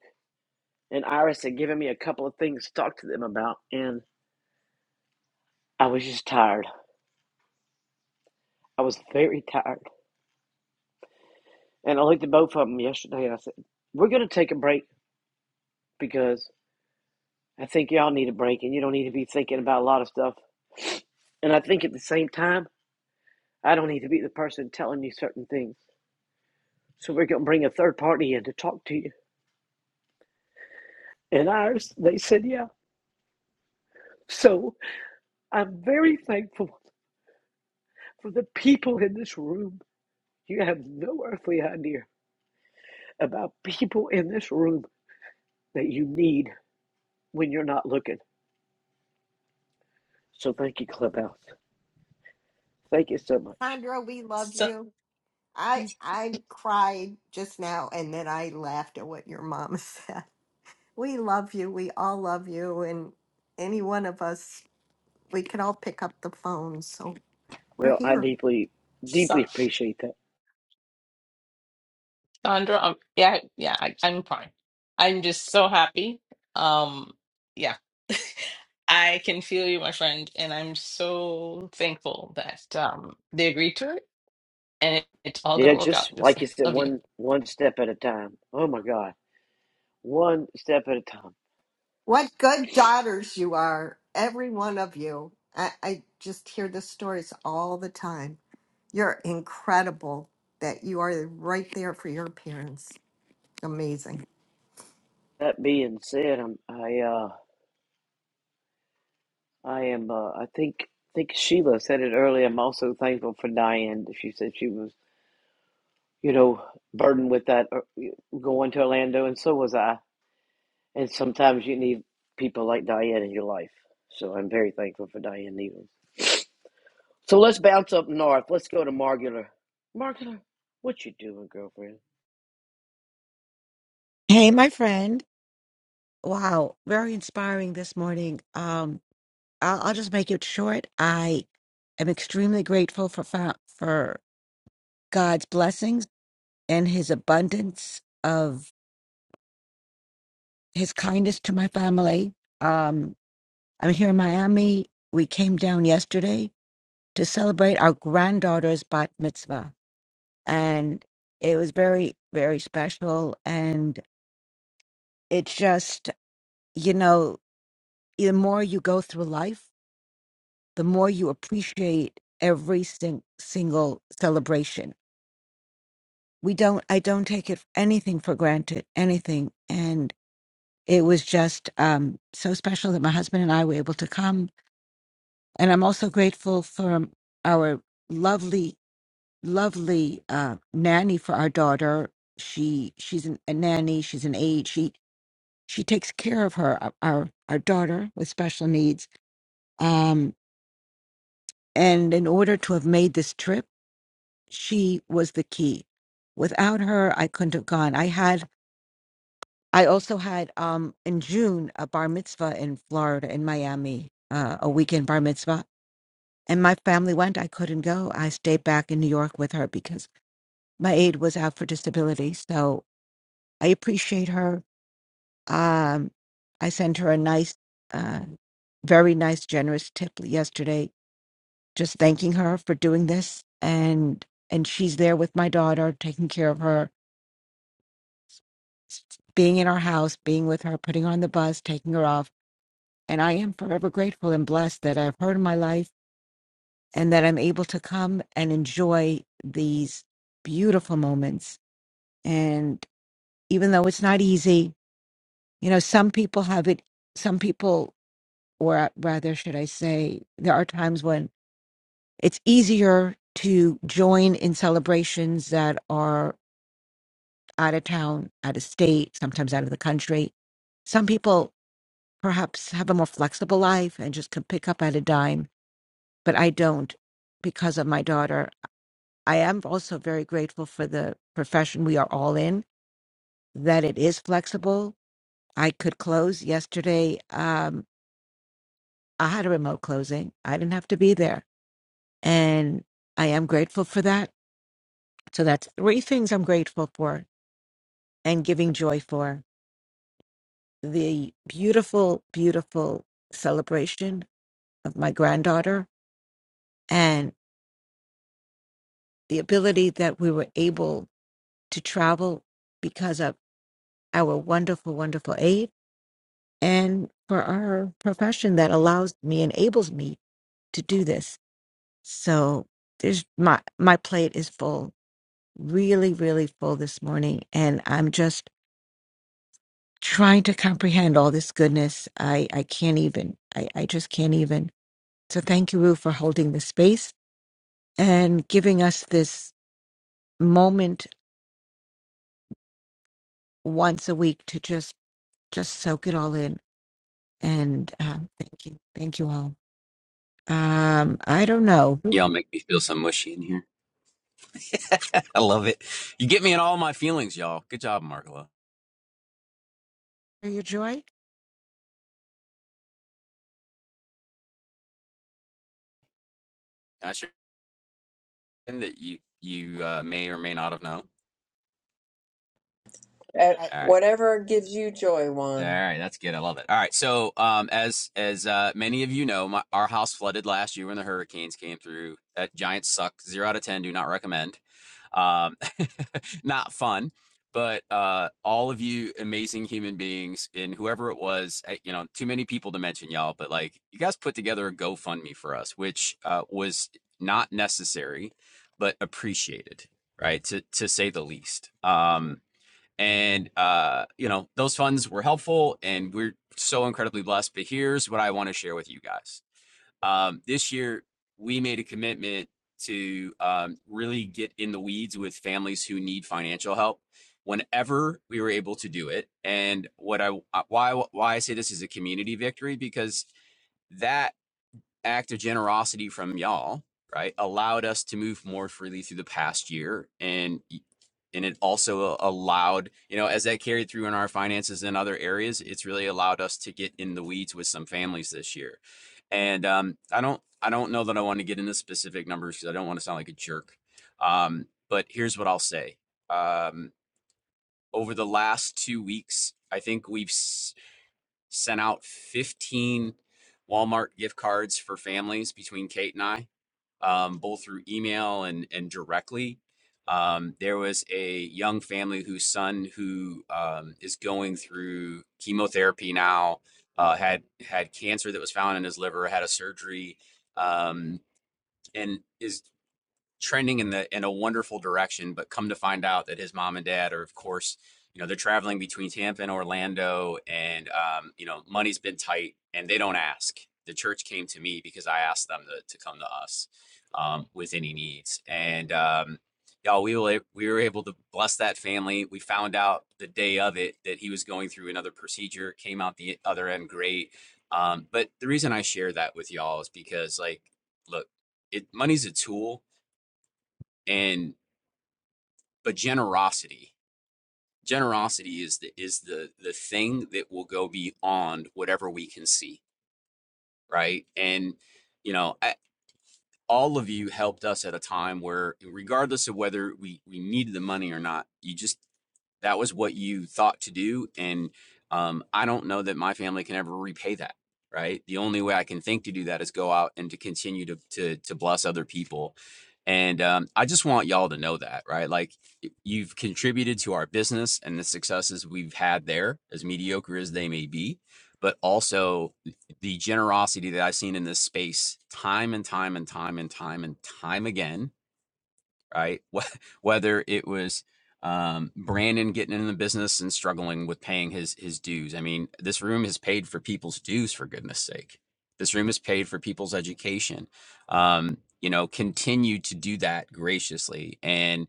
Speaker 13: And Iris had given me a couple of things to talk to them about, and I was just tired. I was very tired. And I looked at both of them yesterday and I said, We're going to take a break because I think y'all need a break and you don't need to be thinking about a lot of stuff. And I think at the same time, I don't need to be the person telling you certain things. So we're going to bring a third party in to talk to you. And ours, they said, Yeah. So I'm very thankful for the people in this room. You have no earthly idea about people in this room that you need when you're not looking. So thank you, Clubhouse. Thank you so much.
Speaker 11: Sandra, we love you. I I cried just now, and then I laughed at what your mom said. We love you. We all love you, and any one of us we could all pick up the phone. So we're
Speaker 13: Well, I
Speaker 11: here.
Speaker 13: deeply,
Speaker 7: Sa-
Speaker 13: deeply appreciate that.
Speaker 7: Sandra, um, yeah, yeah, I, I'm fine. I'm just so happy. Um, yeah, I can feel you, my friend, and I'm so thankful that um they agreed to it, and it, it's all
Speaker 13: Yeah,
Speaker 7: gonna work out.
Speaker 13: just
Speaker 7: You'll
Speaker 13: like you
Speaker 7: see.
Speaker 13: said,
Speaker 7: Love you,
Speaker 13: one one step at a time. Oh my God, one step at a time.
Speaker 11: What good daughters you are, every one of you. I, I just hear the stories all the time. You're incredible that you are right there for your parents. Amazing.
Speaker 13: That being said, I'm I uh I am uh I think think Sheila said it earlier. I'm also thankful for Diane. She said she was you know burdened with that uh, going to Orlando, and so was I. And sometimes you need people like Diane in your life. So I'm very thankful for Diane Needles. So let's bounce up north. Let's go to Margular. Margular, what you doing, girlfriend?
Speaker 14: Hey, my friend. Wow, very inspiring this morning. Um, I'll, I'll just make it short. I am extremely grateful for fa- for God's blessings and His abundance of His kindness to my family. Um, I'm here in Miami. We came down yesterday to celebrate our granddaughter's bat mitzvah, and it was very, very special. And it's just, you know, the more you go through life the more you appreciate every sing- single celebration. We don't, I don't take it anything for granted, anything. And it was just um, so special that my husband and I were able to come. And I'm also grateful for our lovely, lovely uh, nanny for our daughter. She she's an, a nanny. She's an aide. She she takes care of her our our our daughter with special needs. Um, and in order to have made this trip she was the key. Without her, I couldn't have gone. I had, I also had um in June a bar mitzvah in Florida, in Miami, uh, a weekend bar mitzvah, and my family went. I couldn't go. I stayed back in New York with her because my aide was out for disability. So I appreciate her. Um, I sent her a nice, uh, very nice, generous tip yesterday, just thanking her for doing this, and and she's there with my daughter, taking care of her s- being in our house, being with her, putting her on the bus, taking her off. And I am forever grateful and blessed that I've heard in my life and that I'm able to come and enjoy these beautiful moments. And even though it's not easy, you know, some people have it, some people, or rather, should I say, there are times when it's easier to join in celebrations that are out of town, out of state, sometimes out of the country. Some people perhaps have a more flexible life and just can pick up at a dime but i don't because of my daughter i am also very grateful for the profession we are all in that it is flexible i could close yesterday um, i had a remote closing i didn't have to be there and i am grateful for that so that's three things i'm grateful for and giving joy for the beautiful beautiful celebration of my granddaughter and. the ability that we were able to travel because of our wonderful, wonderful aid and for our profession that allows me, enables me to do this. So there's my, my plate is full, really, really full this morning. And I'm just trying to comprehend all this goodness. I, I can't even, I, I just can't even. So thank you, Rue, for holding the space and giving us this moment once a week to just just soak it all in And um, thank you. Thank you all. Um, I don't know. Who
Speaker 9: Y'all make me feel so mushy in here. I love it. You get me in all my feelings, y'all. Good job, Margola.
Speaker 14: are you, Joy?
Speaker 9: Can I something that you you uh, may or may not have known?
Speaker 11: But
Speaker 9: All right. All right, that's good. I love it. All right, so um, as as uh, many of you know, my, our house flooded last year when the hurricanes came through. That giant suck. Zero out of ten. Do not recommend. Um, not fun, but uh, all of you amazing human beings and whoever it was, eh, you know, too many people to mention y'all, but like you guys put together a GoFundMe for us, which uh, was not necessary, but appreciated, right? To to say the least. Um, and uh, you know, those funds were helpful, and we're so incredibly blessed. But here's what I want to share with you guys um, this year, we made a commitment to um, really get in the weeds with families who need financial help whenever we were able to do it. And what I uh, why why I say this is a community victory because that act of generosity from y'all right allowed us to move more freely through the past year and and it also uh, allowed you know as that carried through in our finances and other areas it's really allowed us to get in the weeds with some families this year and um, i don't i don't know that i want to get into specific numbers because i don't want to sound like a jerk um, but here's what i'll say um, over the last two weeks i think we've sent out 15 Walmart gift cards for families between Kate and I, um, both through email and, and directly. Um, there was a young family whose son who um, is going through chemotherapy now uh, had had cancer that was found in his liver, had a surgery, um, and is trending in the in a wonderful direction but come to find out that his mom and dad are of course you know they're traveling between tampa and orlando and um, you know money's been tight and they don't ask the church came to me because i asked them to, to come to us um, with any needs and um, y'all we were, we were able to bless that family we found out the day of it that he was going through another procedure came out the other end great um, but the reason i share that with y'all is because like look it money's a tool and but generosity generosity is the is the the thing that will go beyond whatever we can see right and you know I, all of you helped us at a time where regardless of whether we we needed the money or not you just that was what you thought to do and um, i don't know that my family can ever repay that right the only way i can think to do that is go out and to continue to to, to bless other people and um, i just want y'all to know that right like you've contributed to our business and the successes we've had there as mediocre as they may be but also the generosity that i've seen in this space time and time and time and time and time again right? Whether it was um, Brandon getting in the business and struggling with paying his his dues. I mean, this room has paid for people's dues for goodness sake. This room has paid for people's education. Um, you know, continue to do that graciously, and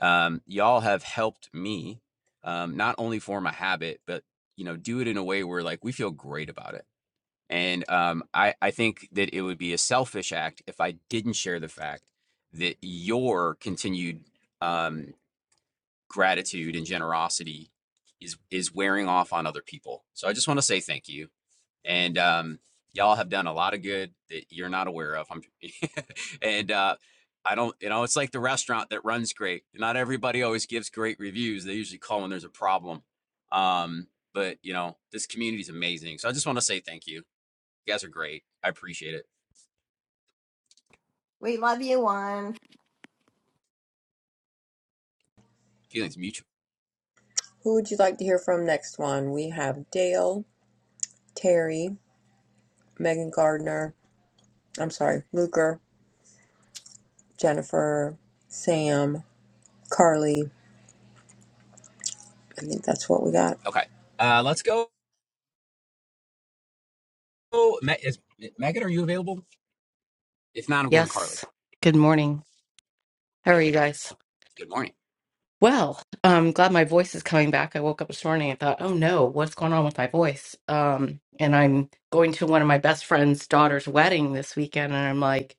Speaker 9: um, y'all have helped me um, not only form a habit, but you know, do it in a way where like we feel great about it and um, I, I think that it would be a selfish act if I didn't share the fact that your continued um, gratitude and generosity is is wearing off on other people. So I just want to say thank you. And um, y'all have done a lot of good that you're not aware of. I'm, and uh, I don't, you know, it's like the restaurant that runs great. Not everybody always gives great reviews. They usually call when there's a problem. Um, but you know, this community is amazing. So I just want to say thank you you guys are great. I appreciate it.
Speaker 11: We love you, Juan.
Speaker 9: Feelings mutual.
Speaker 1: Who would you like to hear from next one? We have Dale, Terry, Megan Gardner. I'm sorry, Luker. Jennifer, Sam, Carly. I think that's what we got.
Speaker 9: Okay. Uh, let's go. Is Megan, are you available? If not, I'm going to
Speaker 15: Yes.
Speaker 9: Carly.
Speaker 15: Good morning. How are you guys?
Speaker 9: Good morning.
Speaker 15: Well, I'm glad my voice is coming back. I woke up this morning and thought, oh no, what's going on with my voice? Um, and I'm going to one of my best friend's daughter's wedding this weekend, and I'm like,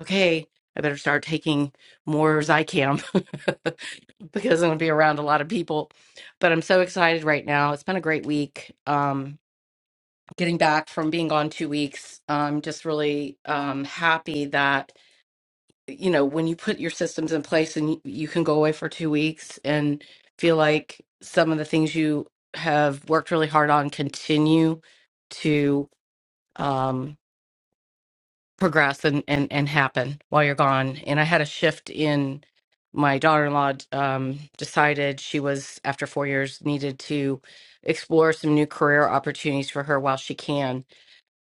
Speaker 15: okay, I better start taking more Zycam because I'm going to be around a lot of people. But I'm so excited right now. It's been a great week. Um, getting back from being gone two weeks, I'm just really um, happy that. you know, when you put your systems in place and you, you can go away for two weeks and feel like some of the things you have worked really hard on continue to um, progress and, and, and happen while you're gone. And I had a shift in my daughter in law um, decided she was, after four years, needed to explore some new career opportunities for her while she can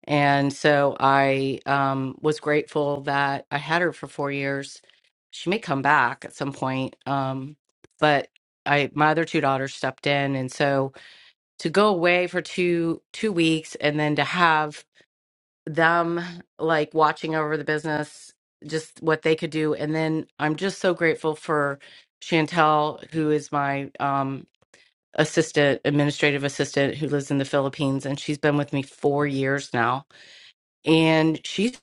Speaker 15: and so I um, was grateful that I had her for four years. She may come back at some point, um, but I my other two daughters stepped in, and so to go away for two two weeks and then to have them like watching over the business, just what they could do, and then I'm just so grateful for Chantel, who is my um, assistant, administrative assistant, who lives in the Philippines, and she's been with me four years now and she's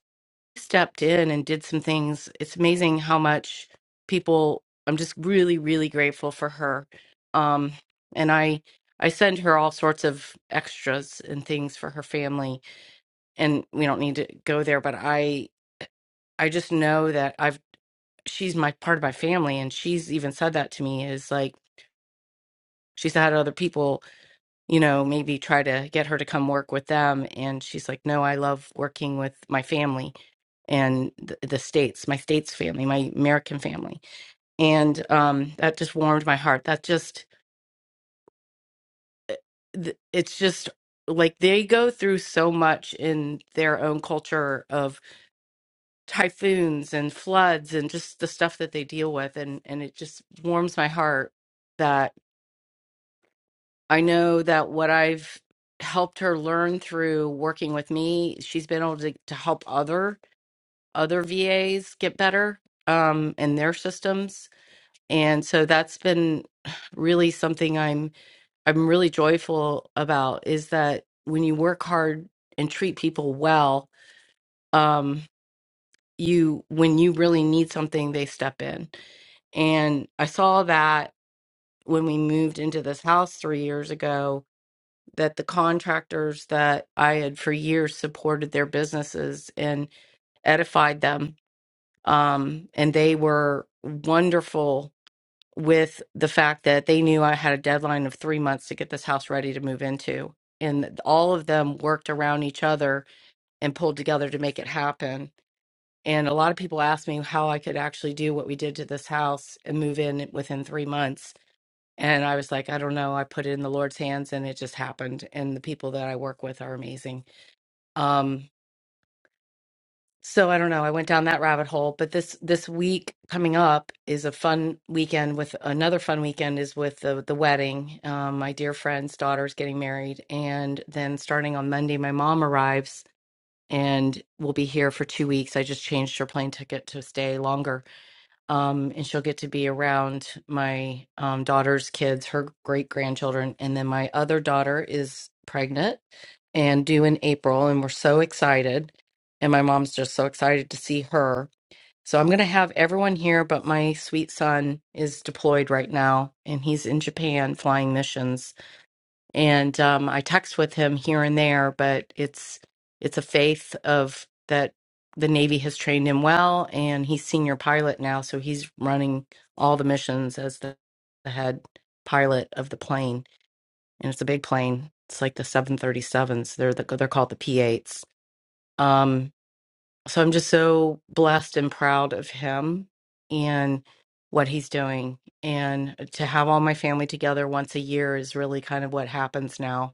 Speaker 15: stepped in and did some things. It's amazing how much people I'm just really really grateful for her. Um and I I send her all sorts of extras and things for her family and we don't need to go there but I I just know that I've she's my part of my family and she's even said that to me is like she's had other people, you know, maybe try to get her to come work with them and she's like no, I love working with my family and the, the states, my states family, my American family, and um, that just warmed my heart. That just th- it's just like they go through so much in their own culture of typhoons and floods and just the stuff that they deal with, and and it just warms my heart that I know that what I've helped her learn through working with me, she's been able to, to help other other VAs get better um in their systems and so that's been really something i'm i'm really joyful about is that when you work hard and treat people well um you when you really need something they step in and i saw that when we moved into this house 3 years ago that the contractors that i had for years supported their businesses and edified them um and they were wonderful with the fact that they knew I had a deadline of three months to get this house ready to move into. And all of them worked around each other and pulled together to make it happen. And a lot of people asked me how I could actually do what we did to this house and move in within three months. And I was like, I don't know. I put it in the Lord's hands and it just happened. And the people that I work with are amazing. Um, so I don't know. I went down that rabbit hole, but this this week coming up is a fun weekend with another fun weekend is with the the wedding. Um, my dear friend's daughter's getting married, and then starting on Monday, my mom arrives and will be here for two weeks. I just changed her plane ticket to stay longer um, and she'll get to be around my um, daughter's kids, her great grandchildren, and then my other daughter is pregnant and due in April, and we're so excited, and my mom's just so excited to see her. So I'm gonna have everyone here, but my sweet son is deployed right now, and he's in Japan flying missions and um, I text with him here and there, but it's it's a faith of that the Navy has trained him well, and he's senior pilot now, so he's running all the missions as the, the head pilot of the plane, and it's a big plane. It's like the 737s. They're the, they're called the P8s. Um, so I'm just so blessed and proud of him and what he's doing, and to have all my family together once a year is really kind of what happens now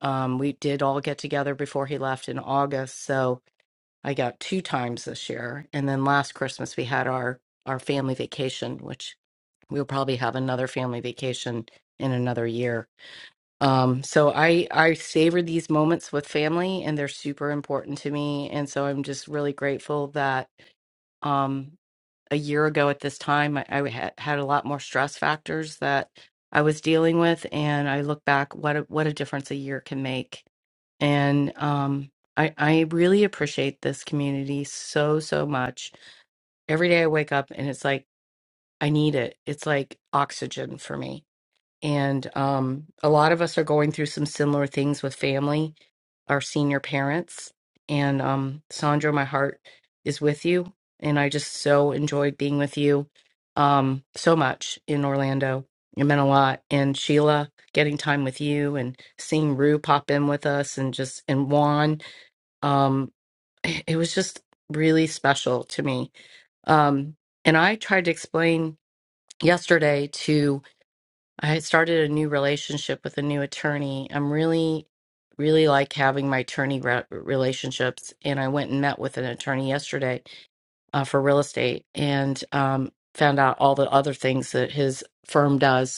Speaker 15: um, we did all get together before he left in August, so I got two times this year. And then last Christmas we had our our family vacation, which we'll probably have another family vacation in another year. Um, so I I savor these moments with family, and they're super important to me. And so I'm just really grateful that um, a year ago at this time I, I had, had a lot more stress factors that I was dealing with, and I look back what a, what a difference a year can make and um I I really appreciate this community so so much. Every day I wake up and it's like I need it. It's like oxygen for me. And um a lot of us are going through some similar things with family, our senior parents. And um Sandra, my heart is with you and I just so enjoyed being with you um so much in Orlando. It meant a lot. And Sheila, getting time with you and seeing Rue pop in with us and just and Juan um it was just really special to me um and i tried to explain yesterday to i had started a new relationship with a new attorney i'm really really like having my attorney re- relationships and i went and met with an attorney yesterday uh, for real estate and um found out all the other things that his firm does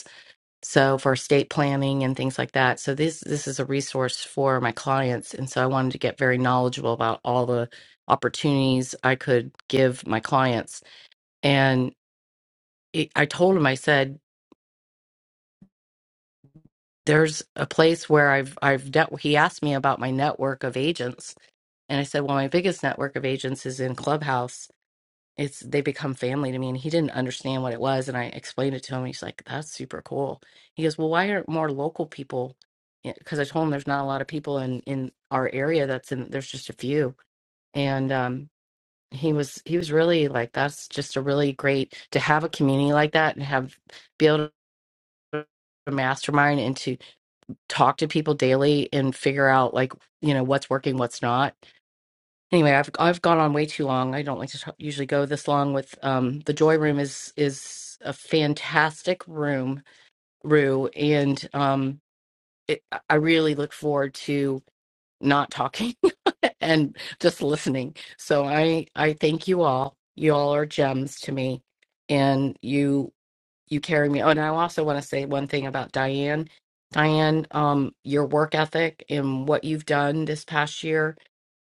Speaker 15: so for estate planning and things like that so this this is a resource for my clients and so i wanted to get very knowledgeable about all the opportunities i could give my clients and it, i told him i said there's a place where i've i've dealt he asked me about my network of agents and i said well my biggest network of agents is in clubhouse it's they become family to me and he didn't understand what it was and i explained it to him he's like that's super cool he goes well why aren't more local people because i told him there's not a lot of people in in our area that's in there's just a few and um he was he was really like that's just a really great to have a community like that and have be able to mastermind and to talk to people daily and figure out like you know what's working what's not Anyway, I've I've gone on way too long. I don't like to t- usually go this long with um the joy room is is a fantastic room, Rue, and um it, I really look forward to not talking and just listening. So I I thank you all. You all are gems to me, and you you carry me. Oh, and I also want to say one thing about Diane. Diane, um, your work ethic and what you've done this past year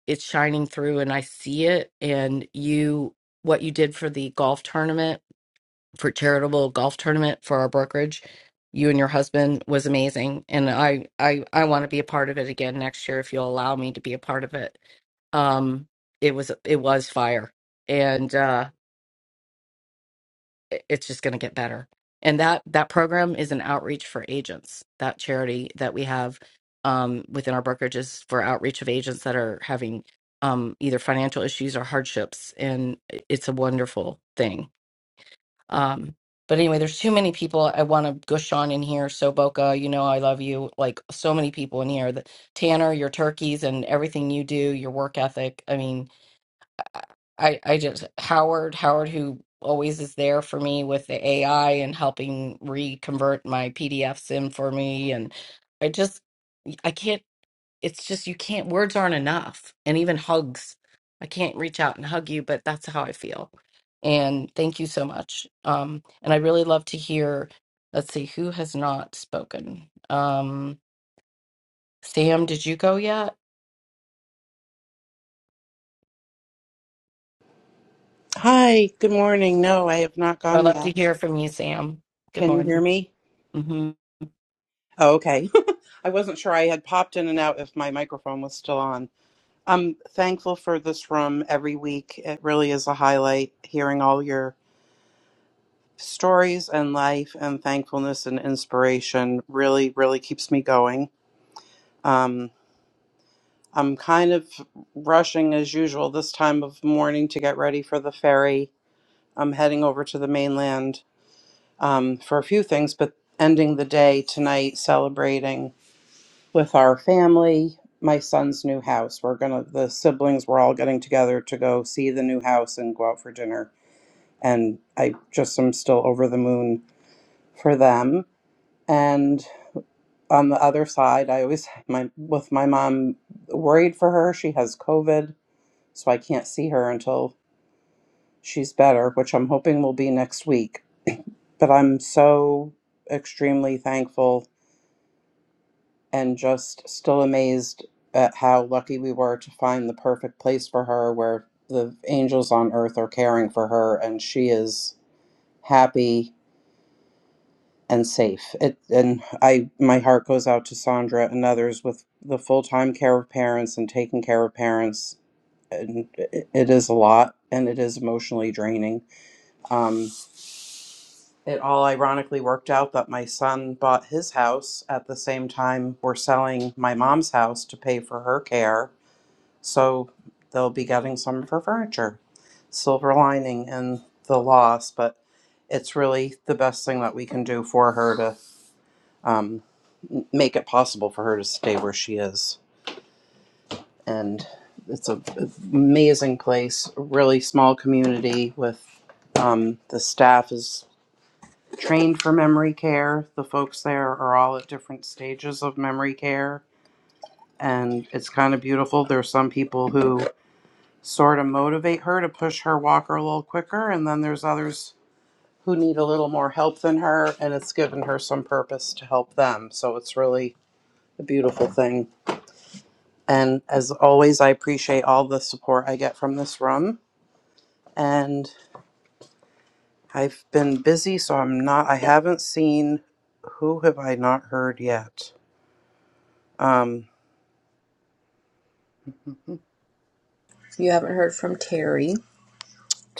Speaker 15: it's shining through and I see it. And you, what you did for the golf tournament, for charitable golf tournament for our brokerage, you and your husband was amazing. And I, I, I want to be a part of it again next year if you'll allow me to be a part of it. Um, it was, it was fire. And, uh, it- it's just going to get better and that that program is an outreach for agents that charity that we have um, within our brokerages for outreach of agents that are having um, either financial issues or hardships and i- it's a wonderful thing um, but anyway there's too many people i want to gush on in here so boca you know i love you like so many people in here the, tanner your turkeys and everything you do your work ethic i mean I I just Howard Howard who always is there for me with the AI and helping reconvert my PDFs in for me and I just I can't it's just you can't words aren't enough and even hugs I can't reach out and hug you but that's how I feel and thank you so much um and I really love to hear let's see who has not spoken um Sam did you go yet
Speaker 16: Hi, good morning. No, I have not
Speaker 15: I'd
Speaker 16: gone
Speaker 15: love to
Speaker 16: yet.
Speaker 15: hear from you Sam good
Speaker 16: Can you
Speaker 15: morning
Speaker 16: hear me?
Speaker 15: mm-hmm.
Speaker 16: Oh, okay. I wasn't sure I had popped in and out if my microphone was still on. I'm thankful for this room every week. It really is a highlight hearing all your stories and life and thankfulness and inspiration really, really keeps me going. Um, I'm kind of rushing as usual this time of morning to get ready for the ferry. I'm heading over to the mainland um, for a few things, but ending the day tonight celebrating with our family, my son's new house. We're gonna, the siblings, we're all getting together to go see the new house and go out for dinner. And I just am still over the moon for them. And on the other side, I always, my, with my mom, worried for her. She has COVID, so I can't see her until she's better, which I'm hoping will be next week but I'm so extremely thankful and just still amazed at how lucky we were to find the perfect place for her where the angels on earth are caring for her and she is happy and safe. It and I my heart goes out to Sandra and others with the full-time care of parents and taking care of parents and it it is a lot and it is emotionally draining. Um, it all ironically worked out that my son bought his house at the same time we're selling my mom's house to pay for her care So they'll be getting some of her furniture. Silver lining in the loss, but it's really the best thing that we can do for her to um, make it possible for her to stay where she is. And it's an amazing place, a really small community with um, the staff is trained for memory care. The folks there are all at different stages of memory care. And it's kind of beautiful. There are some people who sort of motivate her to push her walker a little quicker. And then there's others who need a little more help than her, and it's given her some purpose to help them. So it's really a beautiful thing. And as always, I appreciate all the support I get from this room. And I've been busy, so I'm not, I haven't seen who have I not heard yet? Um,
Speaker 1: If you haven't heard from Terry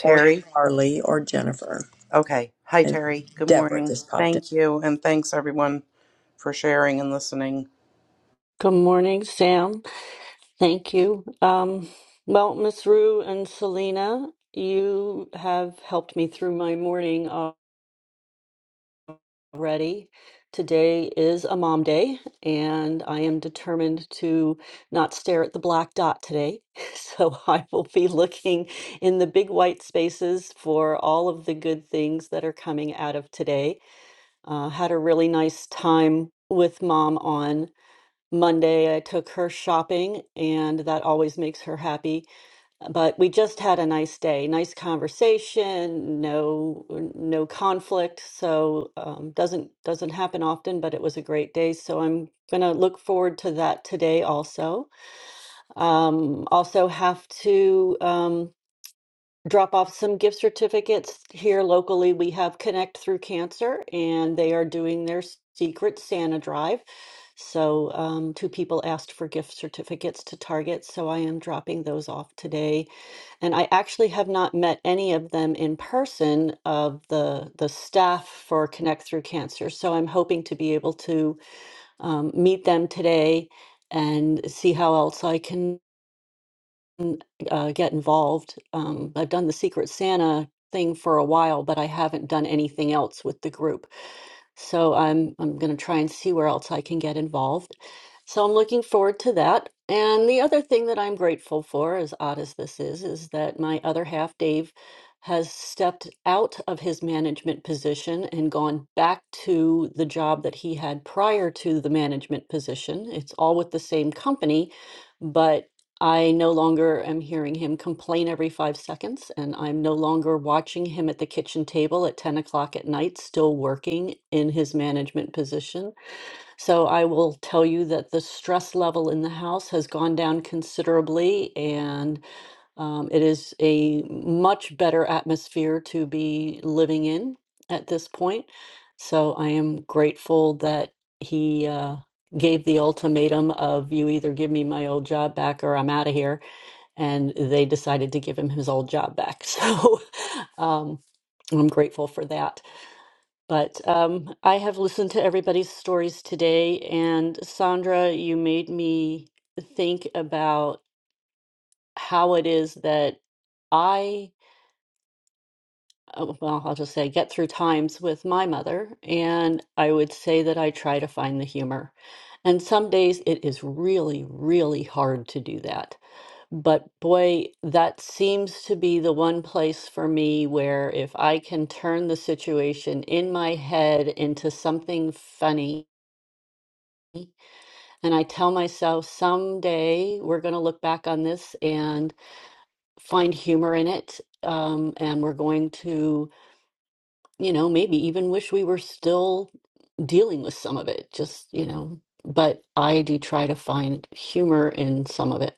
Speaker 1: or Carly or Jennifer
Speaker 16: Okay. Hi,
Speaker 1: and
Speaker 16: Terry. Good
Speaker 1: Deborah
Speaker 16: morning.
Speaker 1: just popped in.
Speaker 16: Thank you. And thanks, everyone, for sharing and listening.
Speaker 17: Good morning, Sam. Thank you. Um, well, Miss Rue and Selena, you have helped me through my morning already. Today is a mom day, and I am determined to not stare at the black dot today. So I will be looking in the big white spaces for all of the good things that are coming out of today. Uh, had a really nice time with mom on. Monday, I took her shopping, and that always makes her happy. But we just had a nice day, nice conversation, no no conflict. So um, doesn't doesn't happen often, but it was a great day. So I'm gonna look forward to that today also. Um, also have to. Um, drop off some gift certificates here locally. We have Connect Through Cancer, and they are doing their secret Santa drive. So, um, two people asked for gift certificates to Target, so I am dropping those off today. And I actually have not met any of them in person of the the staff for Connect Through Cancer. So I'm hoping to be able to um, meet them today and see how else I can n- uh, get involved. Um, I've done the Secret Santa thing for a while, but I haven't done anything else with the group. So I'm I'm going to try and see where else I can get involved. So I'm looking forward to that. And the other thing that I'm grateful for, as odd as this is, is that my other half, Dave, has stepped out of his management position and gone back to the job that he had prior to the management position. It's all with the same company, but I no longer am hearing him complain every five seconds, and I'm no longer watching him at the kitchen table at 10 o'clock at night, still working in his management position. So I will tell you that the stress level in the house has gone down considerably, and um, it is a much better atmosphere to be living in at this point. So I am grateful that he uh, gave the ultimatum of you either give me my old job back or I'm out of here and they decided to give him his old job back. So um, I'm grateful for that. But um, I have listened to everybody's stories today, and Sandra, you made me think about how it is that I, uh, well, I'll just say, get through times with my mother, and I would say that I try to find the humor. And some days it is really, really hard to do that. But boy, that seems to be the one place for me where if I can turn the situation in my head into something funny, and I tell myself someday we're going to look back on this and find humor in it, um, and we're going to, you know, maybe even wish we were still. dealing with some of it, just, you know, but I do try to find humor in some of it.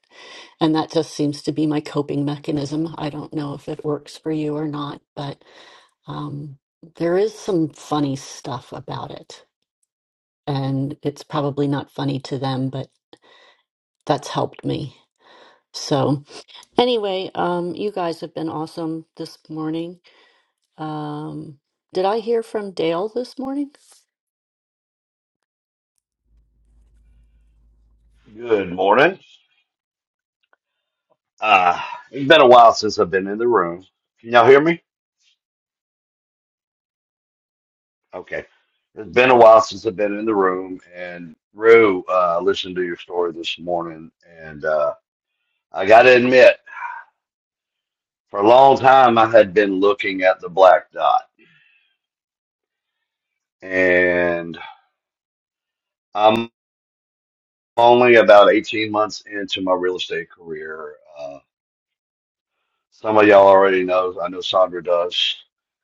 Speaker 17: And that just seems to be my coping mechanism. I don't know if it works for you or not, but um, there is some funny stuff about it. And it's probably not funny to them, but that's helped me. So, anyway, um, you guys have been awesome this morning. Um, did I hear from Dale this morning?
Speaker 18: Good morning. Uh, it's been a while since I've been in the room. Can y'all hear me? Okay. It's been a while since I've been in the room. And Rue, uh, I listened to your story this morning. And uh, I got to admit, for a long time, I had been looking at the black dot. And I'm only about 18 months into my real estate career. Uh, some of y'all already know. I know Sandra does.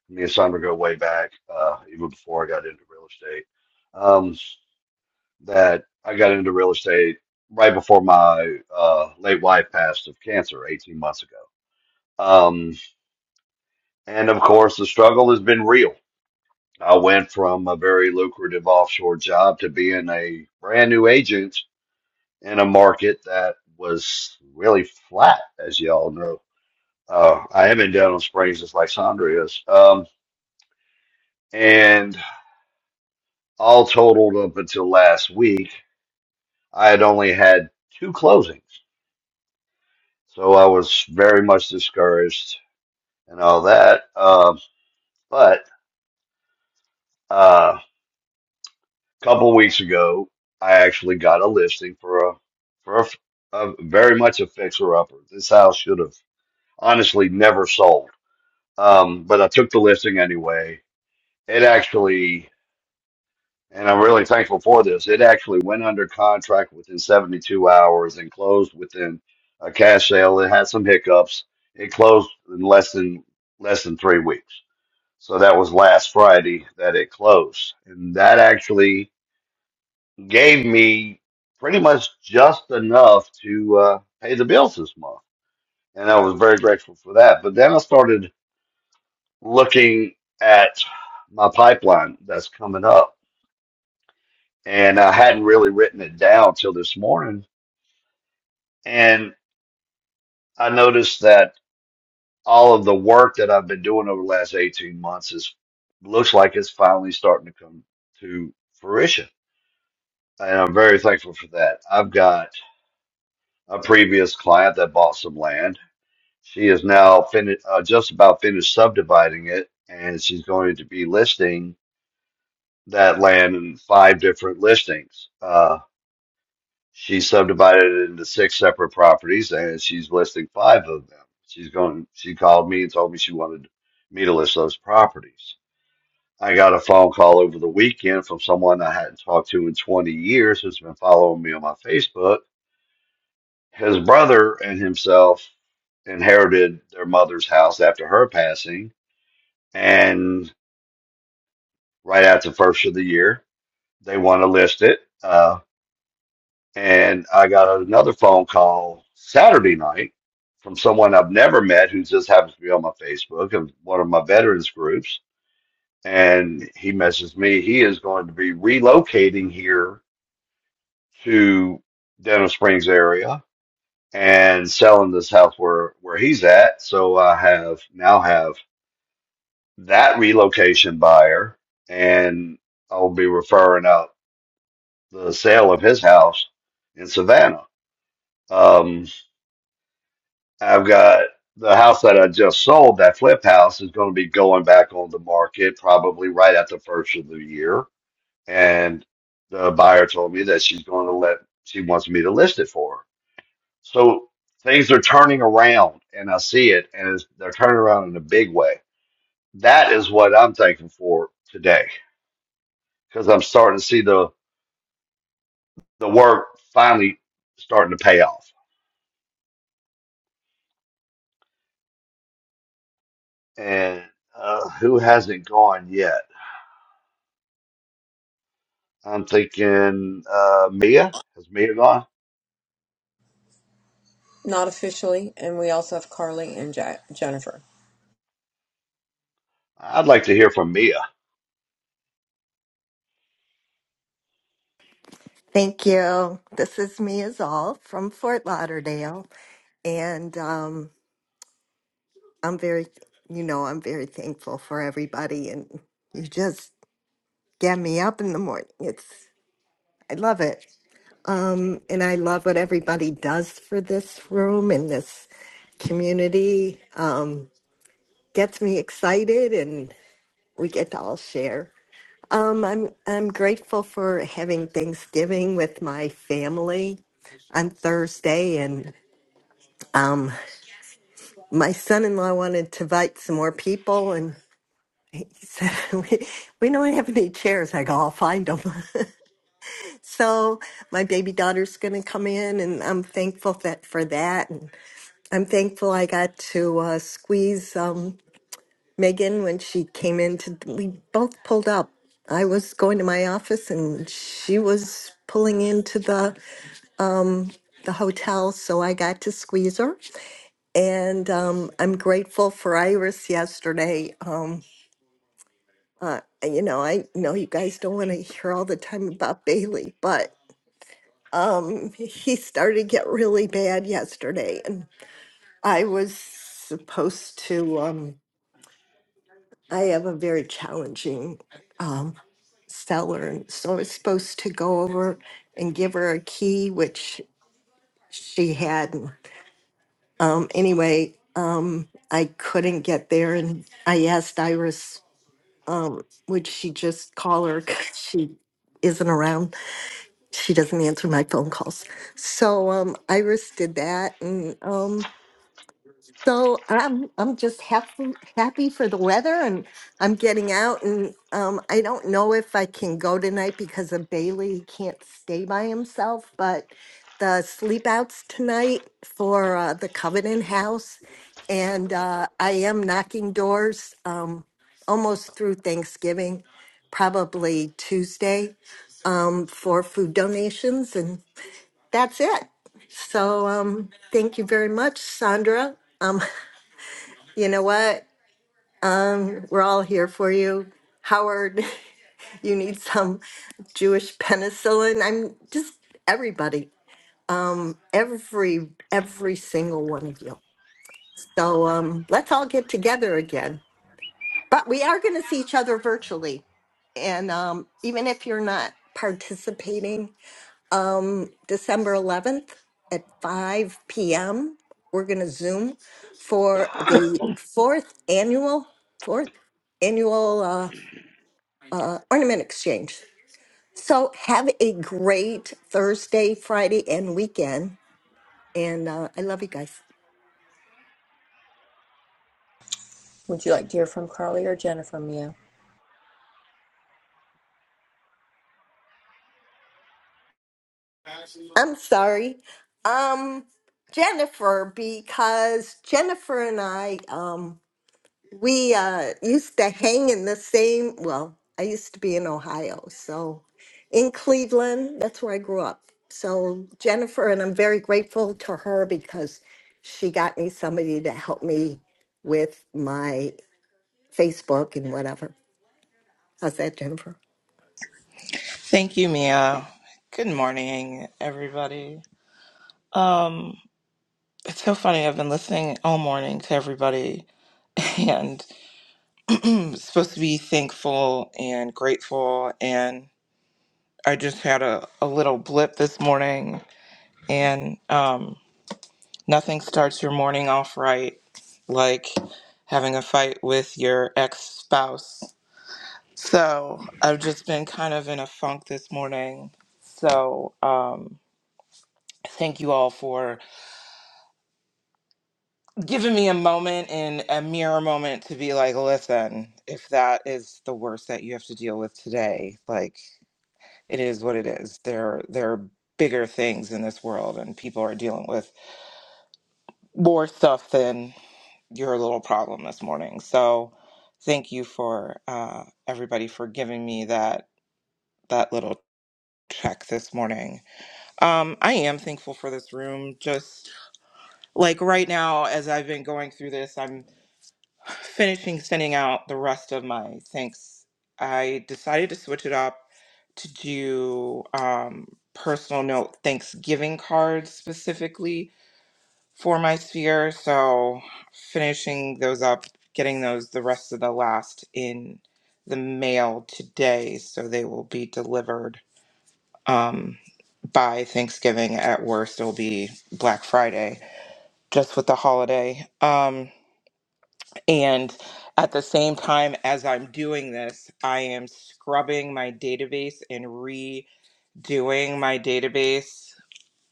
Speaker 18: Me and Sandra go way back, uh, even before I got into real estate. Um, that I got into real estate right before my uh, late wife passed of cancer 18 months ago. Um, and of course, the struggle has been real. I went from a very lucrative offshore job to being a brand new agent in a market that was really flat, as y'all know. Uh, I haven't been on Springs since Alexandria is. Um, and all totaled up until last week, I had only had two closings. So I was very much discouraged and all that. Uh, but uh, a couple of weeks ago, I actually got a listing for a for a, f- a very much a fixer upper. This house should have honestly never sold, um, but I took the listing anyway. It actually, and I'm really thankful for this. It actually went under contract within 72 hours and closed within a cash sale. It had some hiccups. It closed in less than less than three weeks So that was last Friday that it closed. And that actually gave me pretty much just enough to uh, pay the bills this month. And I was very grateful for that. But then I started looking at my pipeline that's coming up. And I hadn't really written it down till this morning. And I noticed that all of the work that I've been doing over the last 18 months is looks like it's finally starting to come to fruition And I'm very thankful for that. I've got a previous client that bought some land. She is now finished, uh, just about finished subdividing it, and she's going to be listing that land in five different listings. Uh, she subdivided it into six separate properties, and she's listing five of them. She's going. She called me and told me she wanted me to list those properties. I got a phone call over the weekend from someone I hadn't talked to in 20 years who's been following me on my Facebook His brother and himself inherited their mother's house after her passing, and right after the first of the year, they want to list it. Uh, and I got another phone call Saturday night from someone I've never met who just happens to be on my Facebook and one of my veterans groups. And he messaged me. He is going to be relocating here to Denham Springs area and selling this house where where he's at. So I have now have that relocation buyer, and I'll be referring out the sale of his house in Savannah. Um, I've got the house that I just sold, that flip house, is going to be going back on the market probably right at the first of the year, and the buyer told me that she's going to let she wants me to list it for her. So things are turning around, and I see it, and it's, they're turning around in a big way. That is what I'm thankful for today, because I'm starting to see the the work finally starting to pay off. And uh, who hasn't gone yet? I'm thinking uh, Mia. Has Mia gone?
Speaker 1: Not officially, and we also have Carly and Ja Jennifer.
Speaker 18: I'd like to hear from Mia.
Speaker 11: Thank you. This is me as all from Fort Lauderdale. And um, I'm very, you know, I'm very thankful for everybody. And you just get me up in the morning. It's, I love it. Um, and I love what everybody does for this room and this community. Um, gets me excited, and we get to all share. Um, I'm I'm grateful for having Thanksgiving with my family on Thursday, and um, my son-in-law wanted to invite some more people, and he said we, we don't have any chairs. I go, I'll find them. so my baby daughter's going to come in, and I'm thankful that for that. I'm thankful I got to uh, squeeze um, Megan when she came in. To, we both pulled up. I was going to my office and she was pulling into the, the hotel, so I got to squeeze her. And um, I'm grateful for Iris yesterday. Um, uh, you know, I know you guys don't want to hear all the time about Bailey, but um, he started to get really bad yesterday. And I was supposed to. Um, I have a very challenging um, seller, and so I was supposed to go over and give her a key, which she hadn't. Um, anyway, um, I couldn't get there, and I asked Iris, um, would she just call her? 'cause she isn't around. She doesn't answer my phone calls. So um, Iris did that, and. um, So I'm I'm just happy happy for the weather and I'm getting out and um I don't know if I can go tonight because of Bailey he can't stay by himself but the sleep outs tonight for uh, the Covenant House and uh, I am knocking doors um almost through Thanksgiving probably Tuesday um for food donations and that's it. So um thank you very much Sandra. um. You know what? Um, we're all here for you. Howard, you need some Jewish penicillin. I'm just everybody. Um, every every single one of you. So um let's all get together again. But we are gonna see each other virtually. And um even if you're not participating, um, December 11th at 5 p.m. We're going to Zoom for the fourth annual, fourth annual uh, uh, ornament exchange. So have a great Thursday, Friday, and weekend. And uh, I love you guys.
Speaker 1: Would you like to hear from Carly or Jennifer, Mia?
Speaker 11: I'm sorry, um, Jennifer, because Jennifer and I. Um, We uh, used to hang in the same, well, I used to be in Ohio, so in Cleveland, that's where I grew up. So Jennifer, and I'm very grateful to her because she got me somebody to help me with my Facebook and whatever. How's that, Jennifer?
Speaker 19: Thank you, Mia. Good morning, everybody. Um, it's so funny. I've been listening all morning to everybody, and supposed to be thankful and grateful. And I just had a, a little blip this morning, and um, nothing starts your morning off right like having a fight with your ex spouse. So I've just been kind of in a funk this morning. So um, thank you all for. given me a moment and a mirror moment to be like, listen, if that is the worst that you have to deal with today, like it is what it is. There there are bigger things in this world and people are dealing with more stuff than your little problem this morning. So thank you for uh everybody for giving me that that little check this morning. Um I am thankful for this room. Just like right now as I've been going through this, I'm. finishing sending out the rest of my thanks, I decided to switch it up to do um, personal note Thanksgiving cards specifically for my sphere. So, finishing those up, getting those the rest of the last in the mail today. So, they will be delivered um, by Thanksgiving at worst. It'll be Black Friday just with the holiday. Um, and at the same time as I'm doing this, I am scrubbing my database and redoing my database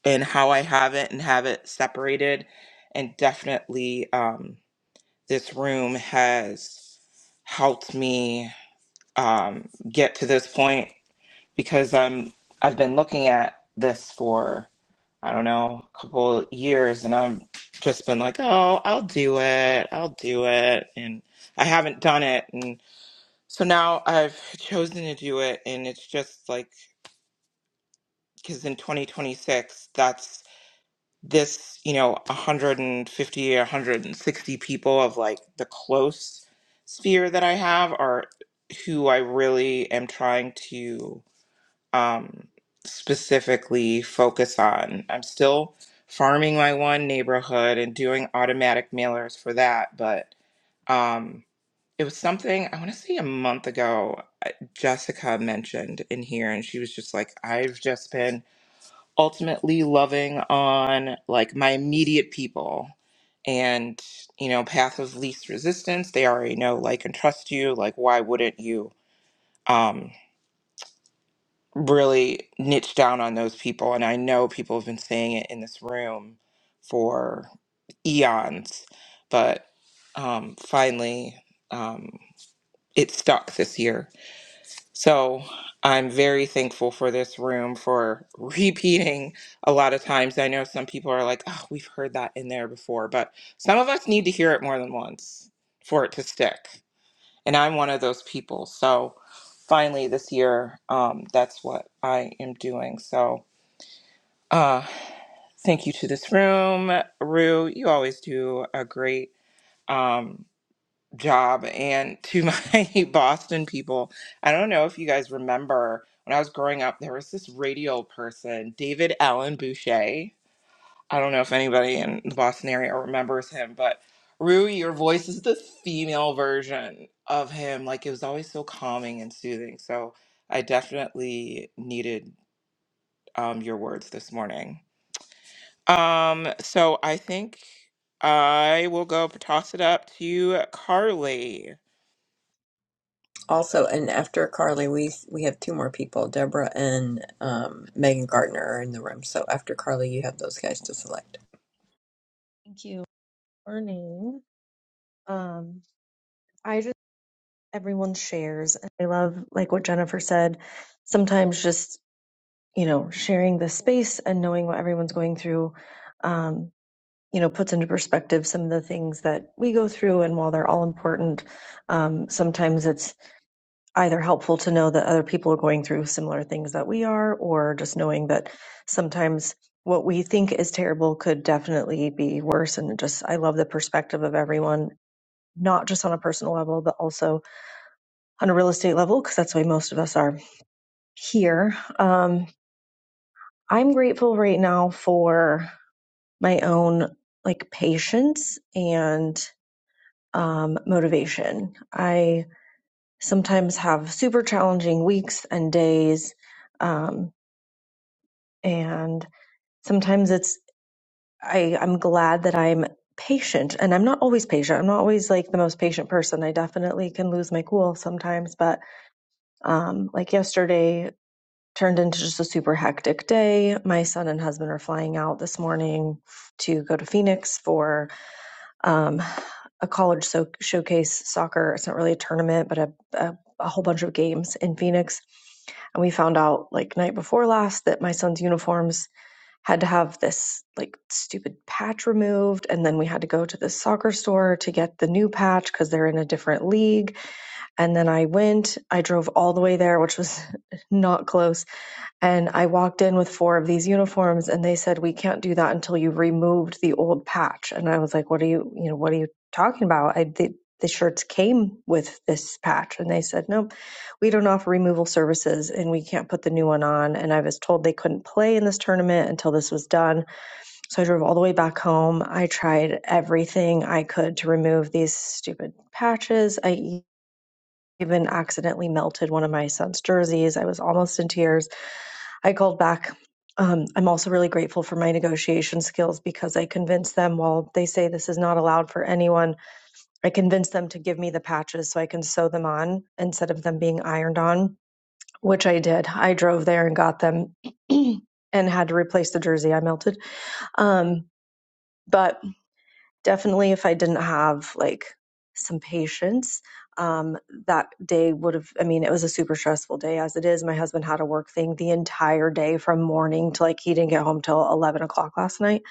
Speaker 19: and how I have it and have it separated. And definitely, um, this room has helped me um, get to this point because I'm I've been looking at this for I don't know a couple years, and I've just been like, oh, I'll do it, I'll do it, and I haven't done it, and so now I've chosen to do it, and it's just like because in 2026, that's this you know 150 160 people of like the close sphere that I have are who I really am trying to um, specifically focus on. I'm still farming my one neighborhood and doing automatic mailers for that, but um, it was something I want to say a month ago, I- Jessica mentioned in here, and she was just like, I've just been ultimately loving on like my immediate people and you know path of least resistance they already know like and trust you like why wouldn't you Um really niche down on those people. And I know people have been saying it in this room for eons, but um, finally um, it stuck this year. So I'm very thankful for this room for repeating a lot of times. I know some people are like, oh, we've heard that in there before, but some of us need to hear it more than once for it to stick and I'm one of those people. So finally this year, um, that's what I am doing. So uh, thank you to this room, Rue. You always do a great um, job, and to my Boston people. I don't know if you guys remember when I was growing up, there was this radio person, David Allen Boucher. I don't know if anybody in the Boston area remembers him, but Rui, your voice is the female version of him. Like it was always so calming and soothing. So I definitely needed um, your words this morning. Um, so I think I will go toss it up to Carly.
Speaker 1: Also, and after Carly, we we have two more people. Deborah and um, Megan Gardner are in the room. So after Carly, you have those guys to select.
Speaker 20: Thank you. Morning. Um, I just everyone shares, and I love like what Jennifer said. Sometimes just you know sharing the space and knowing what everyone's going through, um, you know, puts into perspective some of the things that we go through. And while they're all important, um, sometimes it's either helpful to know that other people are going through similar things that we are, or just knowing that sometimes what we think is terrible could definitely be worse. And just I love the perspective of everyone not just on a personal level, but also on a real estate level, because that's why most of us are here. Um, I'm grateful right now for my own like patience and um, motivation. I sometimes have super challenging weeks and days, um, and sometimes it's I, I'm glad that I'm patient and I'm not always patient. I'm not always like the most patient person. I definitely can lose my cool sometimes, but um, like yesterday turned into just a super hectic day. My son and husband are flying out this morning to go to Phoenix for um, a college so- showcase soccer. It's not really a tournament, but a, a, a whole bunch of games in Phoenix. And we found out like night before last that my son's uniforms had to have this like stupid patch removed. And then we had to go to the soccer store to get the new patch because they're in a different league. And then I went, I drove all the way there, which was not close and I walked in with four of these uniforms and they said, We can't do that until you've removed the old patch. And I was like, What are you, you know, what are you talking about? I, the, the shirts came with this patch. And they said, No, we don't offer removal services and we can't put the new one on. And I was told they couldn't play in this tournament until this was done. So I drove all the way back home. I tried everything I could to remove these stupid patches. I even accidentally melted one of my son's jerseys. I was almost in tears I called back. Um, I'm also really grateful for my negotiation skills because I convinced them while they say this is not allowed for anyone, I convinced them to give me the patches so I can sew them on instead of them being ironed on, which I did. I drove there and got them and had to replace the jersey I melted. Um, but definitely if I didn't have like some patience, um, that day would have, I mean, it was a super stressful day as it is. My husband had a work thing the entire day from morning to like he didn't get home till 11 o'clock last night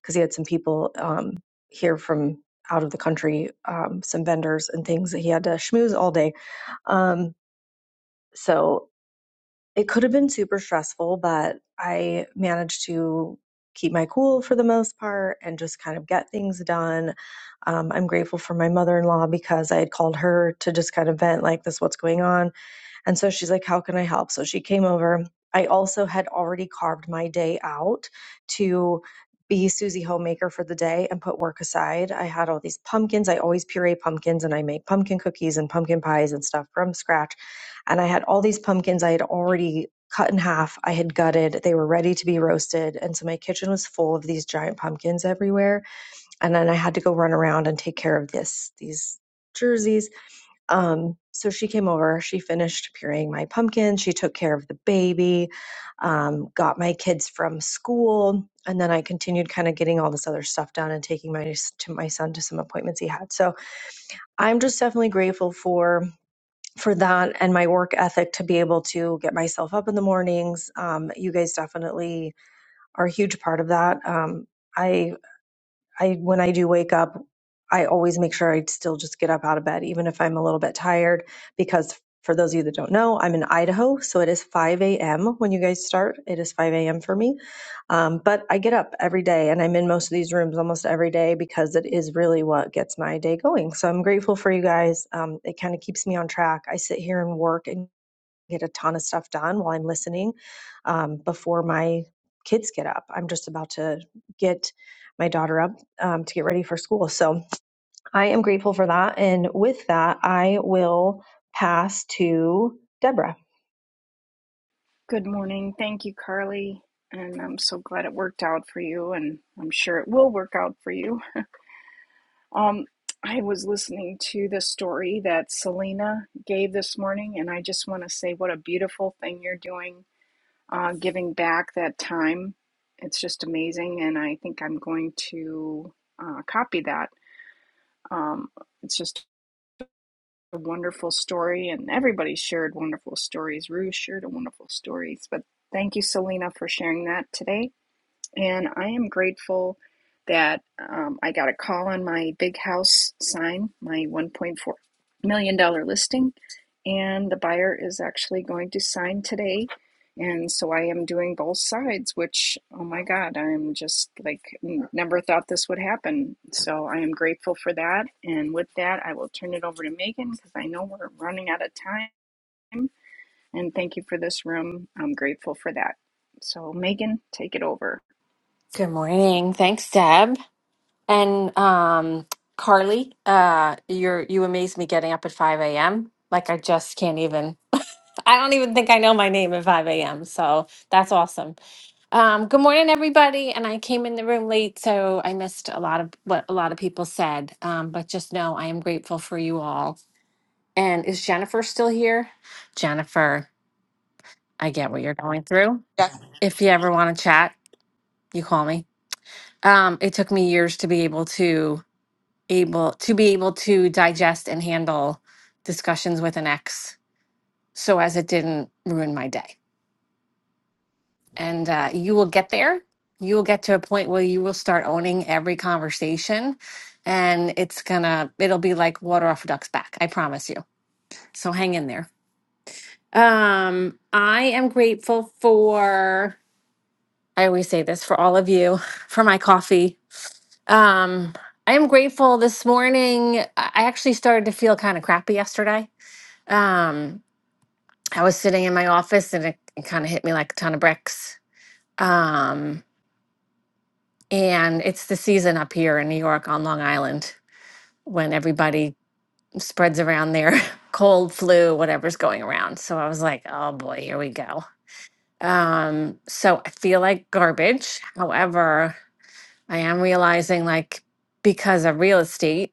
Speaker 20: because he had some people um, here from out of the country, um, some vendors and things that he had to schmooze all day. Um, so it could have been super stressful, but I managed to keep my cool for the most part and just kind of get things done. Um, I'm grateful for my mother in law because I had called her to just kind of vent, like, this, what's going on and so she's like, How can I help? So she came over. I also had already carved my day out to be Susie Homemaker for the day and put work aside. I had all these pumpkins. I always puree pumpkins and I make pumpkin cookies and pumpkin pies and stuff from scratch. And I had all these pumpkins I had already cut in half. I had gutted. They were ready to be roasted. And so my kitchen was full of these giant pumpkins everywhere. And then I had to go run around and take care of this, these jerseys um, so she came over, she finished pureeing my pumpkin, she took care of the baby, um, got my kids from school, and then I continued kind of getting all this other stuff done and taking my to my son to some appointments he had. So I'm just definitely grateful for for that and my work ethic to be able to get myself up in the mornings. Um, you guys definitely are a huge part of that. Um, I I when I do wake up, I always make sure I still just get up out of bed, even if I'm a little bit tired, because for those of you that don't know, I'm in Idaho, so it is 5 a.m. when you guys start. It is 5 a.m. for me, um, but I get up every day, and I'm in most of these rooms almost every day because it is really what gets my day going. So I'm grateful for you guys. Um, it kind of keeps me on track. I sit here and work and get a ton of stuff done while I'm listening um, before my kids get up. I'm just about to get my daughter up um, to get ready for school. So I am grateful for that. And with that, I will pass to Deborah.
Speaker 21: Good morning. Thank you, Carly. And I'm so glad it worked out for you, and I'm sure it will work out for you. Um, I was listening to the story that Selena gave this morning, and I just want to say what a beautiful thing you're doing, uh, giving back that time. It's just amazing, and I think I'm going to uh, copy that. Um, it's just a wonderful story, and everybody shared wonderful stories. Rue shared a wonderful stories, but thank you, Selena, for sharing that today. And I am grateful that um, I got a call on my big house sign, my $1.4 million dollars listing, and the buyer is actually going to sign today. And so I am doing both sides, which, oh my God, I'm just like, never thought this would happen. So I am grateful for that. And with that, I will turn it over to Megan because I know we're running out of time. And thank you for this room. I'm grateful for that. So, Megan, take it over.
Speaker 22: Good morning. Thanks, Deb. And um, Carly, uh, you're you amaze me getting up at 5 a.m. Like I just can't even I don't even think I know my name at 5 a.m. So that's awesome. Um, good morning, everybody. And I came in the room late, so I missed a lot of what a lot of people said. Um, but just know I am grateful for you all. And is Jennifer still here? Jennifer, I get what you're going through.
Speaker 19: Yes,
Speaker 22: If you ever want to chat, you call me. Um, it took me years to be able to able to be able to digest and handle discussions with an ex so as it didn't ruin my day and uh, you will get there you will get to a point where you will start owning every conversation and it's gonna it'll be like water off a duck's back i promise you so hang in there um i am grateful for i always say this for all of you for my coffee um i am grateful this morning i I actually started to feel kind of crappy yesterday Um, I was sitting in my office and it, it kind of hit me like a ton of bricks. Um, and it's the season up here in New York on Long Island when everybody spreads around their cold, flu, whatever's going around. So I was like, oh boy, here we go. Um, so I feel like garbage. However, I am realizing like because of real estate,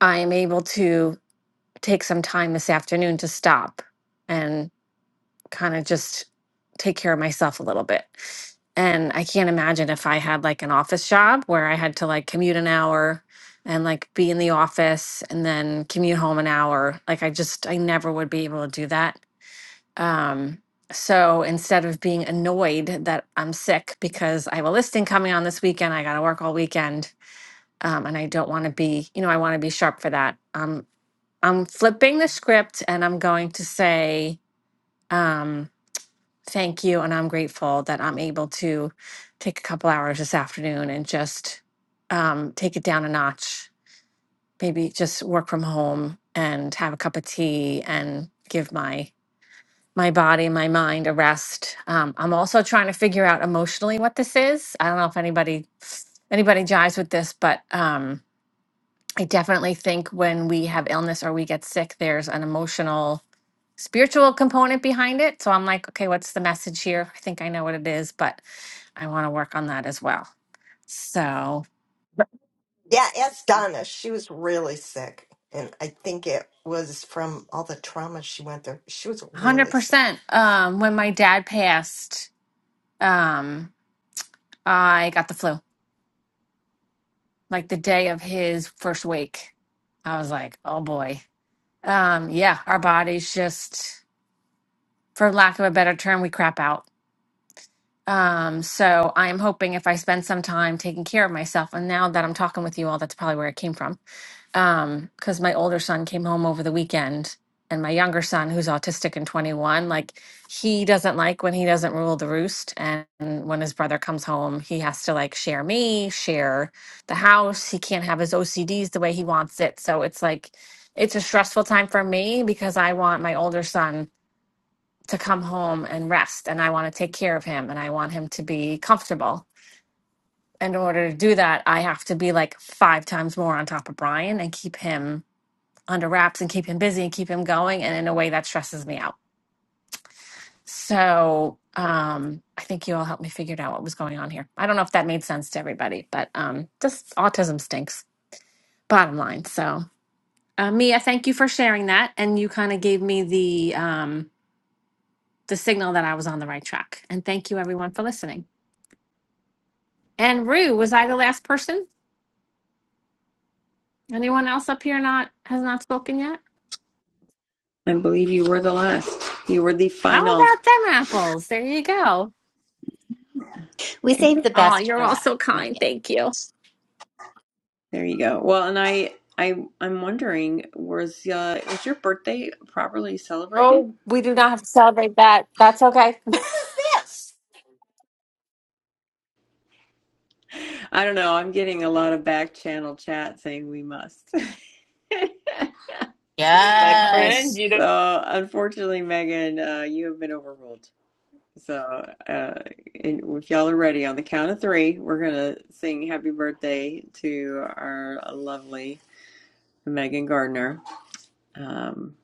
Speaker 22: I am able to take some time this afternoon to stop and. kind of just take care of myself a little bit. And I can't imagine if I had like an office job where I had to like commute an hour and like be in the office and then commute home an hour. Like I just I never would be able to do that. Um so instead of being annoyed that I'm sick because I have a listing coming on this weekend, I got to work all weekend, um, and I don't want to be, you know, I want to be sharp for that. Um, I'm flipping the script and I'm going to say, um, Thank you. And I'm grateful that I'm able to take a couple hours this afternoon and just um, take it down a notch. Maybe just work from home and have a cup of tea and give my my body, my mind a rest. Um, I'm also trying to figure out emotionally what this is. I don't know if anybody anybody jives with this, but um, I definitely think when we have illness or we get sick, there's an emotional spiritual component behind it. So I'm like, okay, what's the message here? I think I know what it is, but I want to work on that as well. So
Speaker 11: Yeah, ask Donna. She was really sick, and I think it was from all the trauma she went through. She was really sick.
Speaker 22: 100%. Um, when my dad passed, um, I got the flu. Like the day of his first wake, I was like, oh boy. Um, yeah, our bodies just, for lack of a better term, we crap out. Um, so I'm hoping if I spend some time taking care of myself, and now that I'm talking with you all, that's probably where it came from um because my older son came home over the weekend and my younger son who's autistic and 21 like he doesn't like when he doesn't rule the roost and when his brother comes home he has to like share me share the house he can't have his ocds the way he wants it so it's like it's a stressful time for me because i want my older son to come home and rest and i want to take care of him and i want him to be comfortable in order to do that i have to be like five times more on top of brian and keep him under wraps and keep him busy and keep him going. And in a way, that stresses me out. So um, I think you all helped me figure out what was going on here. I don't know if that made sense to everybody, but um, just autism stinks, bottom line. So uh, Mia, thank you for sharing that. And you kind of gave me the um, the signal that I was on the right track. And thank you everyone for listening. And Rue, was I the last person? Anyone else up here not has not spoken yet?
Speaker 1: I believe you were the last. You were the
Speaker 22: How
Speaker 1: final.
Speaker 22: about them apples? There you go.
Speaker 4: We saved the
Speaker 22: Oh,
Speaker 4: best
Speaker 22: you're
Speaker 4: for
Speaker 22: all
Speaker 4: last.
Speaker 22: so kind.
Speaker 4: Megan.
Speaker 22: Thank you.
Speaker 1: There you go. Well, and I, I, I'm wondering, was uh, was your birthday properly celebrated?
Speaker 22: Oh, we do not have to celebrate that. That's okay.
Speaker 11: How was this?
Speaker 1: I don't know. I'm getting a lot of back channel chat saying we must.
Speaker 7: my friend.
Speaker 2: Yes.
Speaker 7: You
Speaker 1: So, unfortunately, Megan, uh, you have been overruled. So, uh, and if y'all are ready, on the count of three, we're gonna sing happy birthday to our lovely Megan Gardner. Um,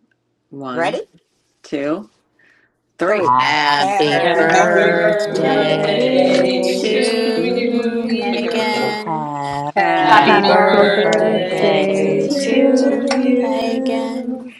Speaker 1: one,
Speaker 11: Ready?
Speaker 1: two, three.
Speaker 11: Three.
Speaker 4: Happy
Speaker 2: Happy
Speaker 11: Happy
Speaker 7: Happy
Speaker 4: birthday
Speaker 19: ma'am.
Speaker 1: Happy
Speaker 21: Happy
Speaker 13: Happy
Speaker 11: birthday.
Speaker 5: Um,
Speaker 4: to
Speaker 2: birthday
Speaker 15: birthday
Speaker 21: birthday
Speaker 1: birthday
Speaker 13: birthday
Speaker 7: birthday
Speaker 21: to
Speaker 7: to
Speaker 1: to
Speaker 15: to
Speaker 13: to
Speaker 7: you.
Speaker 2: to
Speaker 4: you.
Speaker 21: you.
Speaker 7: Pick it
Speaker 13: you.
Speaker 7: up.
Speaker 1: you.
Speaker 15: you.
Speaker 2: Megan.
Speaker 5: ba, ba,
Speaker 15: Happy
Speaker 4: Happy
Speaker 7: Happy
Speaker 1: Happy
Speaker 2: Happy
Speaker 5: ba.
Speaker 13: Happy
Speaker 20: Happy
Speaker 21: Happy
Speaker 4: birthday
Speaker 13: birthday
Speaker 7: birthday
Speaker 1: birthday
Speaker 15: birthday to
Speaker 2: birthday
Speaker 20: birthday
Speaker 7: to
Speaker 4: to
Speaker 21: birthday
Speaker 1: to
Speaker 13: to
Speaker 20: to
Speaker 21: to
Speaker 7: you.
Speaker 2: to
Speaker 20: you.
Speaker 15: you.
Speaker 1: you.
Speaker 21: you.
Speaker 2: Megan.
Speaker 4: you.
Speaker 13: you.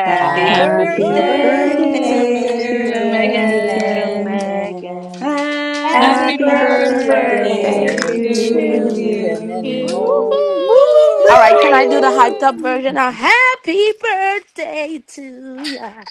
Speaker 11: Happy
Speaker 7: Happy
Speaker 4: Happy
Speaker 2: Happy
Speaker 1: Happy
Speaker 13: Happy
Speaker 21: Happy
Speaker 20: Happy
Speaker 11: birthday,
Speaker 7: birthday,
Speaker 15: birthday,
Speaker 1: birthday,
Speaker 7: dear
Speaker 21: birthday,
Speaker 20: birthday
Speaker 11: birthday
Speaker 1: dear
Speaker 4: birthday,
Speaker 21: dear
Speaker 15: dear
Speaker 20: to
Speaker 13: birthday,
Speaker 2: birthday.
Speaker 4: dear
Speaker 7: Megan.
Speaker 13: dear
Speaker 20: Megan.
Speaker 21: Megan.
Speaker 1: Megan.
Speaker 15: Megan.
Speaker 13: Megan.
Speaker 4: Megan.
Speaker 15: Happy
Speaker 7: Happy
Speaker 20: Happy
Speaker 21: Happy
Speaker 4: Happy
Speaker 1: Happy
Speaker 13: Happy
Speaker 5: Happy
Speaker 7: birthday
Speaker 15: birthday
Speaker 7: to
Speaker 15: to
Speaker 4: birthday
Speaker 5: birthday
Speaker 20: birthday
Speaker 21: birthday
Speaker 1: birthday
Speaker 2: birthday
Speaker 11: to
Speaker 13: birthday
Speaker 1: to
Speaker 4: to
Speaker 13: to
Speaker 21: to
Speaker 20: to
Speaker 7: you.
Speaker 2: to
Speaker 5: to
Speaker 20: you.
Speaker 11: you.
Speaker 15: you
Speaker 5: you.
Speaker 15: and
Speaker 13: you.
Speaker 21: you.
Speaker 15: many
Speaker 4: you.
Speaker 2: you.
Speaker 1: you.
Speaker 2: Woo,
Speaker 15: more.
Speaker 2: woo,
Speaker 7: Woohoo!
Speaker 5: All
Speaker 15: Whoop,
Speaker 5: right, can I do the
Speaker 1: Woo!
Speaker 15: whoop.
Speaker 5: hyped
Speaker 21: Woo!
Speaker 2: woo.
Speaker 5: up
Speaker 4: Woo!
Speaker 5: version now? Happy birthday to ya.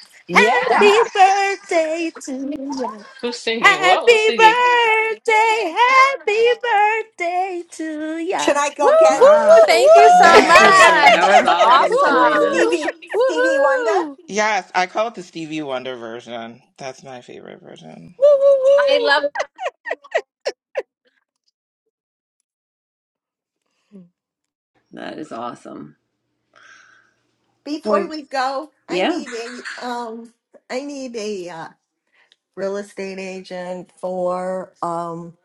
Speaker 21: Woo!
Speaker 5: Happy
Speaker 15: Yeah.
Speaker 5: birthday to ya.
Speaker 7: Who's singing? Whoa, who's
Speaker 5: Happy
Speaker 7: singing?
Speaker 5: birthday. Happy birthday to
Speaker 11: Should
Speaker 5: ya.
Speaker 11: I
Speaker 22: Woo!
Speaker 11: go
Speaker 2: Woo,
Speaker 11: get
Speaker 21: ah,
Speaker 11: should I
Speaker 2: woo, woo.
Speaker 22: Thank you
Speaker 11: go
Speaker 22: so
Speaker 11: get
Speaker 21: thank
Speaker 19: No,
Speaker 21: you,
Speaker 11: uh
Speaker 19: yeah.
Speaker 22: much.
Speaker 1: That was
Speaker 21: Selena.
Speaker 1: awesome,
Speaker 22: Awesome.
Speaker 1: Selena.
Speaker 7: Woohoo!
Speaker 11: Stevie Stevie Wonder?
Speaker 15: Woo.
Speaker 19: Yes, I call it the Stevie Wonder version. That's my favorite version.
Speaker 2: Woo,
Speaker 22: I
Speaker 2: woo,
Speaker 22: love
Speaker 2: woo.
Speaker 1: That is awesome.
Speaker 11: Before
Speaker 1: Well,
Speaker 11: we go, I
Speaker 1: yeah.
Speaker 11: need a um I need a uh, real estate agent for um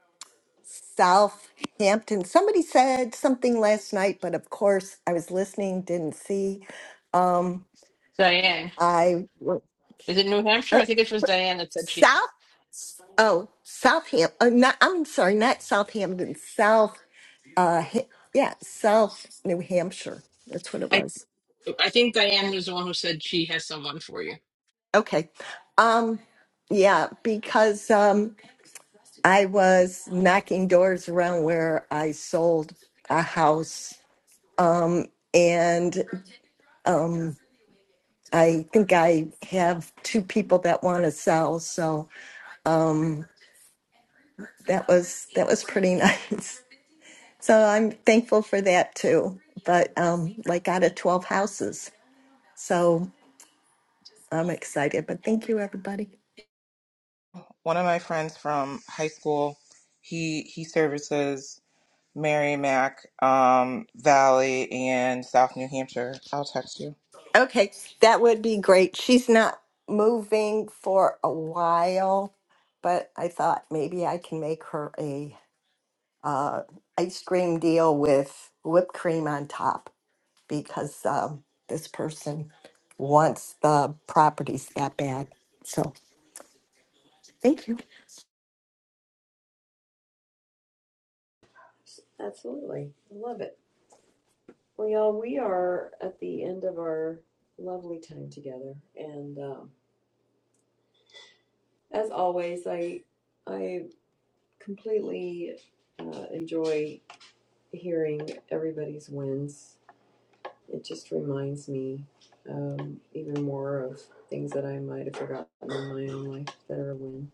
Speaker 11: Southampton. Somebody said something last night, but of course I was listening, didn't see. Um
Speaker 7: Diane.
Speaker 11: I
Speaker 7: Is it New Hampshire?
Speaker 11: uh,
Speaker 7: I think it was Diane that said she.
Speaker 11: Oh, Southampton. Uh, not, I'm sorry, not Southampton. South. Uh, Ha- yeah, South New Hampshire. That's what it
Speaker 7: I
Speaker 11: was.
Speaker 7: I think Diane was the one who said she has someone for you.
Speaker 11: Okay. Um, yeah, because um, I was knocking doors around where I sold a house, um, and um, I think I have two people that want to sell. So um, that was that was pretty nice. So I'm thankful for that too. But um, like out of 12 houses. So I'm excited. But thank you, everybody.
Speaker 19: one of my friends from high school he he services merrimack um, valley and south new hampshire i'll text you
Speaker 11: Okay, that would be great. She's not moving for a while, but I thought maybe I can make her a uh, ice cream deal with whipped cream on top because um, this person wants the properties that bad. So thank you,
Speaker 1: Absolutely. I love it. Well, y'all, we are at the end of our lovely time together, and um, as always, I I completely uh, enjoy hearing everybody's wins. It just reminds me um, even more of things that I might have forgotten in my own life that are a win,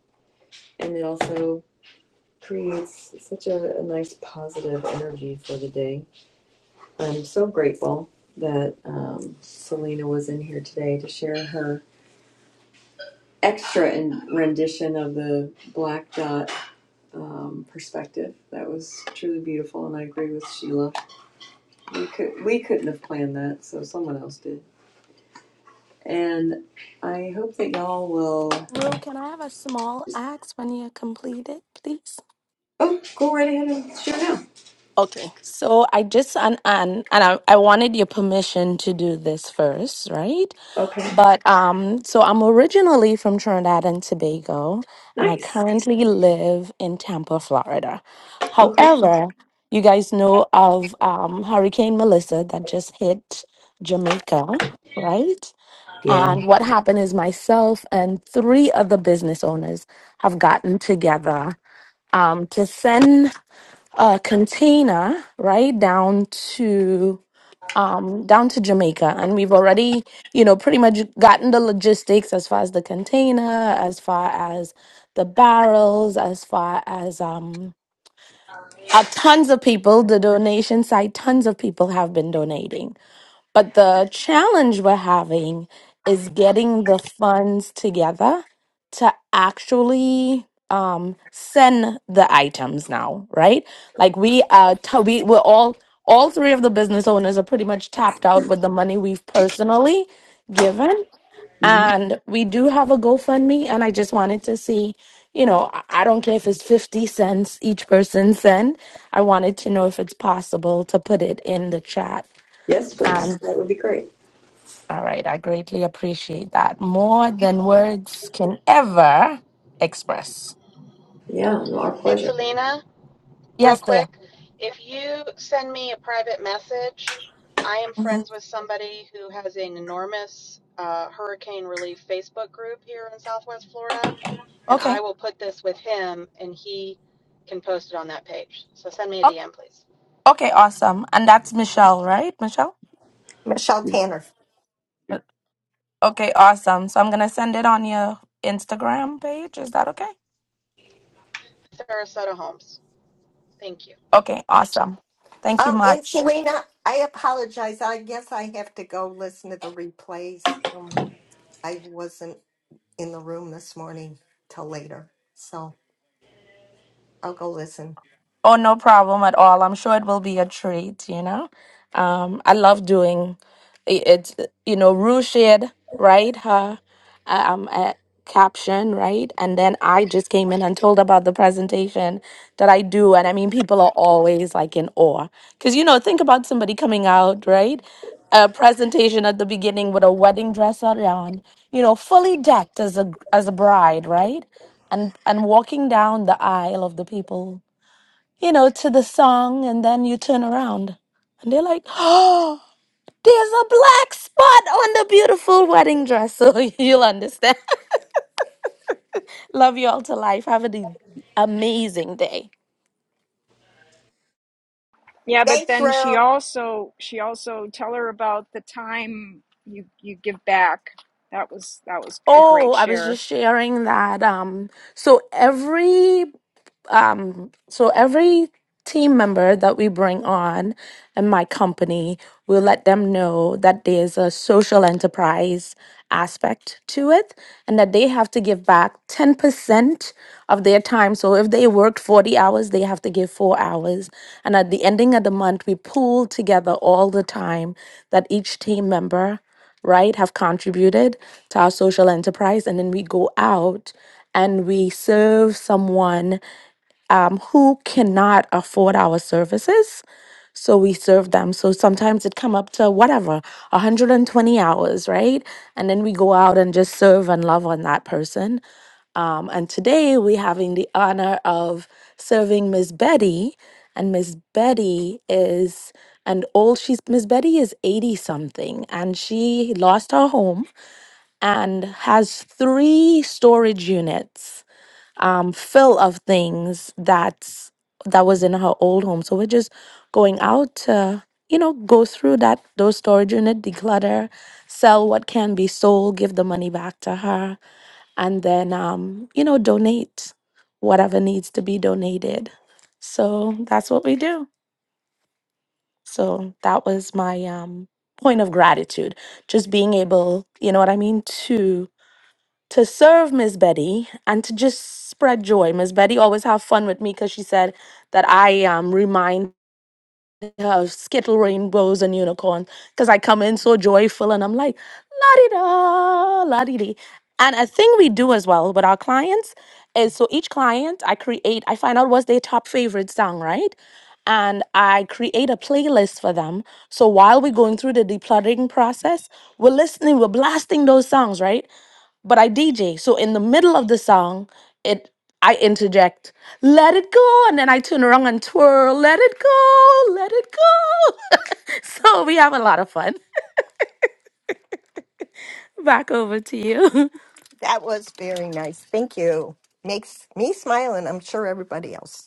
Speaker 1: and it also creates such a, a nice positive energy for the day. I'm so grateful that um, Selena was in here today to share her extra in rendition of the black dot um, perspective. That was truly beautiful, and I agree with Sheila. We could we couldn't have planned that, so someone else did. And I hope that y'all will.
Speaker 5: Rue, can I have a small axe when you complete it, please?
Speaker 1: Oh, go right ahead and share now.
Speaker 5: Okay, so I just and and and I, I wanted your permission to do this first, right?
Speaker 1: Okay,
Speaker 5: But um, so I'm originally from Trinidad and Tobago, and I
Speaker 1: nice.
Speaker 5: currently live in Tampa, Florida.
Speaker 1: Okay,
Speaker 5: However, you guys know of um, Hurricane Melissa that just hit Jamaica, right?
Speaker 1: yeah.
Speaker 5: And what happened is myself and three other business owners have gotten together um, to send a container right down to um down to Jamaica and we've already you know pretty much gotten the logistics as far as the container as far as the barrels as far as um uh, tons of people the donation side tons of people have been donating but the challenge we're having is getting the funds together to actually um, send the items now, right? Like we are, t- we we're all all three of the business owners are pretty much tapped out with the money we've personally given,
Speaker 1: hmm
Speaker 5: and we do have a GoFundMe, and I just wanted to see. You know, I I don't care if it's 50 cents each person send. I wanted to know if it's possible to put it in the chat
Speaker 1: Yes, please. That would be great.
Speaker 5: all right, I greatly appreciate that. More than words can ever express.
Speaker 1: Yeah, no, our
Speaker 3: It's
Speaker 1: pleasure.
Speaker 3: Selena. real
Speaker 5: Yes, there.
Speaker 3: quick, if you send me a private message, I am
Speaker 5: hmm
Speaker 3: friends with somebody who has an enormous uh, hurricane relief Facebook group here in Southwest Florida, and I
Speaker 5: Okay.
Speaker 3: will put this with him and he can post it on that page. So send me a
Speaker 5: O-
Speaker 3: DM, please.
Speaker 5: Okay, awesome. And that's Michelle, right? Michelle?
Speaker 11: Michelle Tanner.
Speaker 5: Uh, Okay, awesome. So I'm going to send it on your Instagram page. Is that okay?
Speaker 3: Sarasota Holmes. Thank you.
Speaker 5: Okay, awesome. Thank you
Speaker 11: Um, and
Speaker 5: much.
Speaker 11: Selena, I apologize. I guess I have to go listen to the replays. Um, I wasn't in the room this morning till later, so I'll go listen.
Speaker 5: Oh, no problem at all. I'm sure it will be a treat, you know. Um, I love doing i- it, it's, you know, Rue shared, right? Her um, uh, caption, right? And then I just came in and told about the presentation that I do. And I mean, people are always like in awe. Because, you know, think about somebody coming out, right? A presentation at the beginning with a wedding dress on, you know, fully decked as a as a bride, right? And and walking down the aisle of the people you know, to the song, and then you turn around and they're like, oh, there's a black spot on the beautiful wedding dress. So you'll understand. Love you all to life. Have an amazing day.
Speaker 21: Yeah, but
Speaker 11: Thanks,
Speaker 21: then she
Speaker 11: Rue.
Speaker 21: also she also tell her about the time you you give back. That was that was a
Speaker 5: Oh,
Speaker 21: great
Speaker 5: I was
Speaker 21: share.
Speaker 5: just sharing that. Um, so every um so every team member that we bring on in my company we'll let them know that there's a social enterprise aspect to it and that they have to give back 10% of their time so if they worked 40 hours they have to give 4 hours and at the ending of the month we pool together all the time that each team member right have contributed to our social enterprise and then we go out and we serve someone um, who cannot afford our services. So we serve them. So sometimes it come up to whatever, 120 hours, right? And then we go out and just serve and love on that person. Um, and today we're having the honor of serving Miss Betty. And Miss Betty is an old, she's, Miss Betty is 80 something and she lost her home and has three storage units um, fill of things that's that was in her old home. So we're just going out to you know go through that those storage unit, declutter, sell what can be sold, give the money back to her, and then um, you know donate whatever needs to be donated. So that's what we do. So that was my um, point of gratitude, just being able, you know what I mean, to to serve Miss Betty and to just spread joy. Miss Betty always have fun with me because she said that I um remind her of skittle rainbows and unicorns because I come in so joyful and I'm like la di da la di di. And a thing we do as well with our clients is so each client I create I find out what's their top favorite song, right? And I create a playlist for them. So while we're going through the decluttering process, we're listening, we're blasting those songs, right? but I DJ. So in the middle of the song, it I interject, let it go, and then I turn around and twirl, let it go, let it go. so we have a lot of fun. Back over to you.
Speaker 11: That was very nice. Thank you. Makes me smile, and I'm sure everybody else.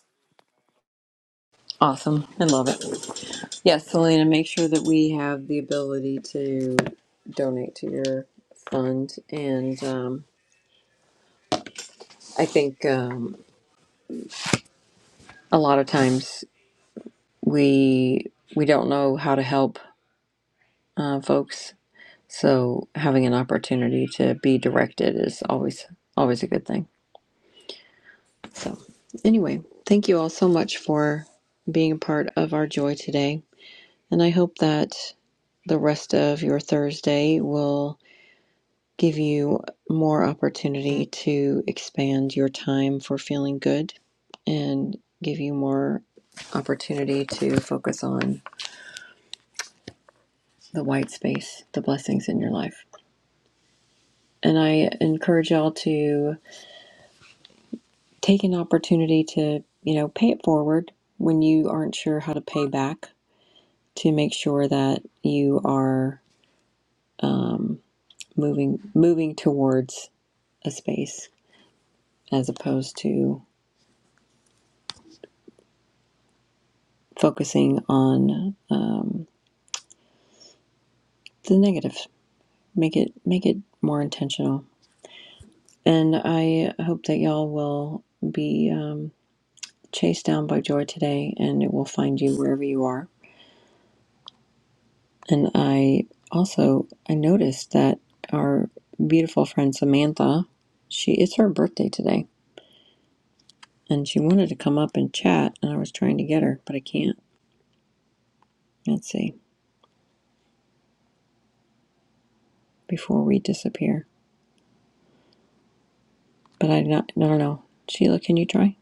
Speaker 1: Awesome. I love it. Yes, Selena, make sure that we have the ability to donate to your fund and. Um, I think um, a lot of times we we don't know how to help uh, folks, so having an opportunity to be directed is always always a good thing. So anyway, thank you all so much for being a part of our joy today, and I hope that the rest of your Thursday will give you more opportunity to expand your time for feeling good and give you more opportunity to focus on the white space, the blessings in your life. And I encourage y'all to take an opportunity to, you know, pay it forward when you aren't sure how to pay back to make sure that you are um, moving moving towards a space as opposed to focusing on um, the negative. Make it make it more intentional. And I hope that y'all will be um, chased down by joy today, and it will find you wherever you are And I also I noticed that our beautiful friend Samantha, she it's her birthday today, and she wanted to come up and chat, and I was trying to get her, but I can't. Let's see before we disappear. But I not no no no. Sheila, can you try?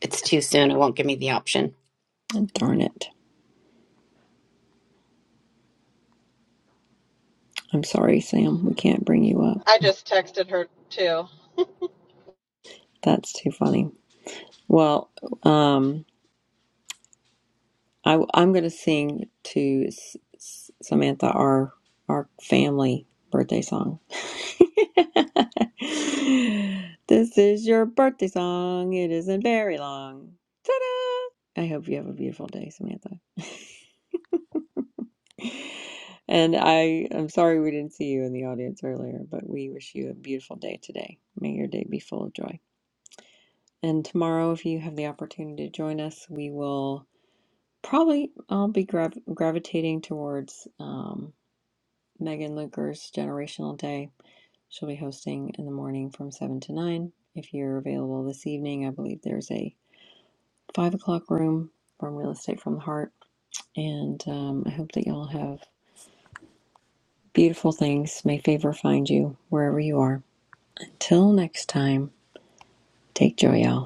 Speaker 4: It's too soon. It won't give me the option.
Speaker 1: Oh, darn it! I'm sorry, Sam. We can't bring you up.
Speaker 3: I just texted her too.
Speaker 1: That's too funny. Well, um, I, am going to sing to S- S- Samantha our our family birthday song. this is your birthday song. It isn't very long. Ta-da! I hope you have a beautiful day, Samantha. and I I'm sorry we didn't see you in the audience earlier, but we wish you a beautiful day today. May your day be full of joy. And tomorrow, if you have the opportunity to join us, we will. Probably I'll be grav- gravitating towards um, Megan Luker's Generational Day. She'll be hosting in the morning from 7 to 9. If you're available this evening, I believe there's a 5 o'clock room from Real Estate from the Heart. And um, I hope that y'all have beautiful things. May favor find you wherever you are. Until next time, take joy, y'all.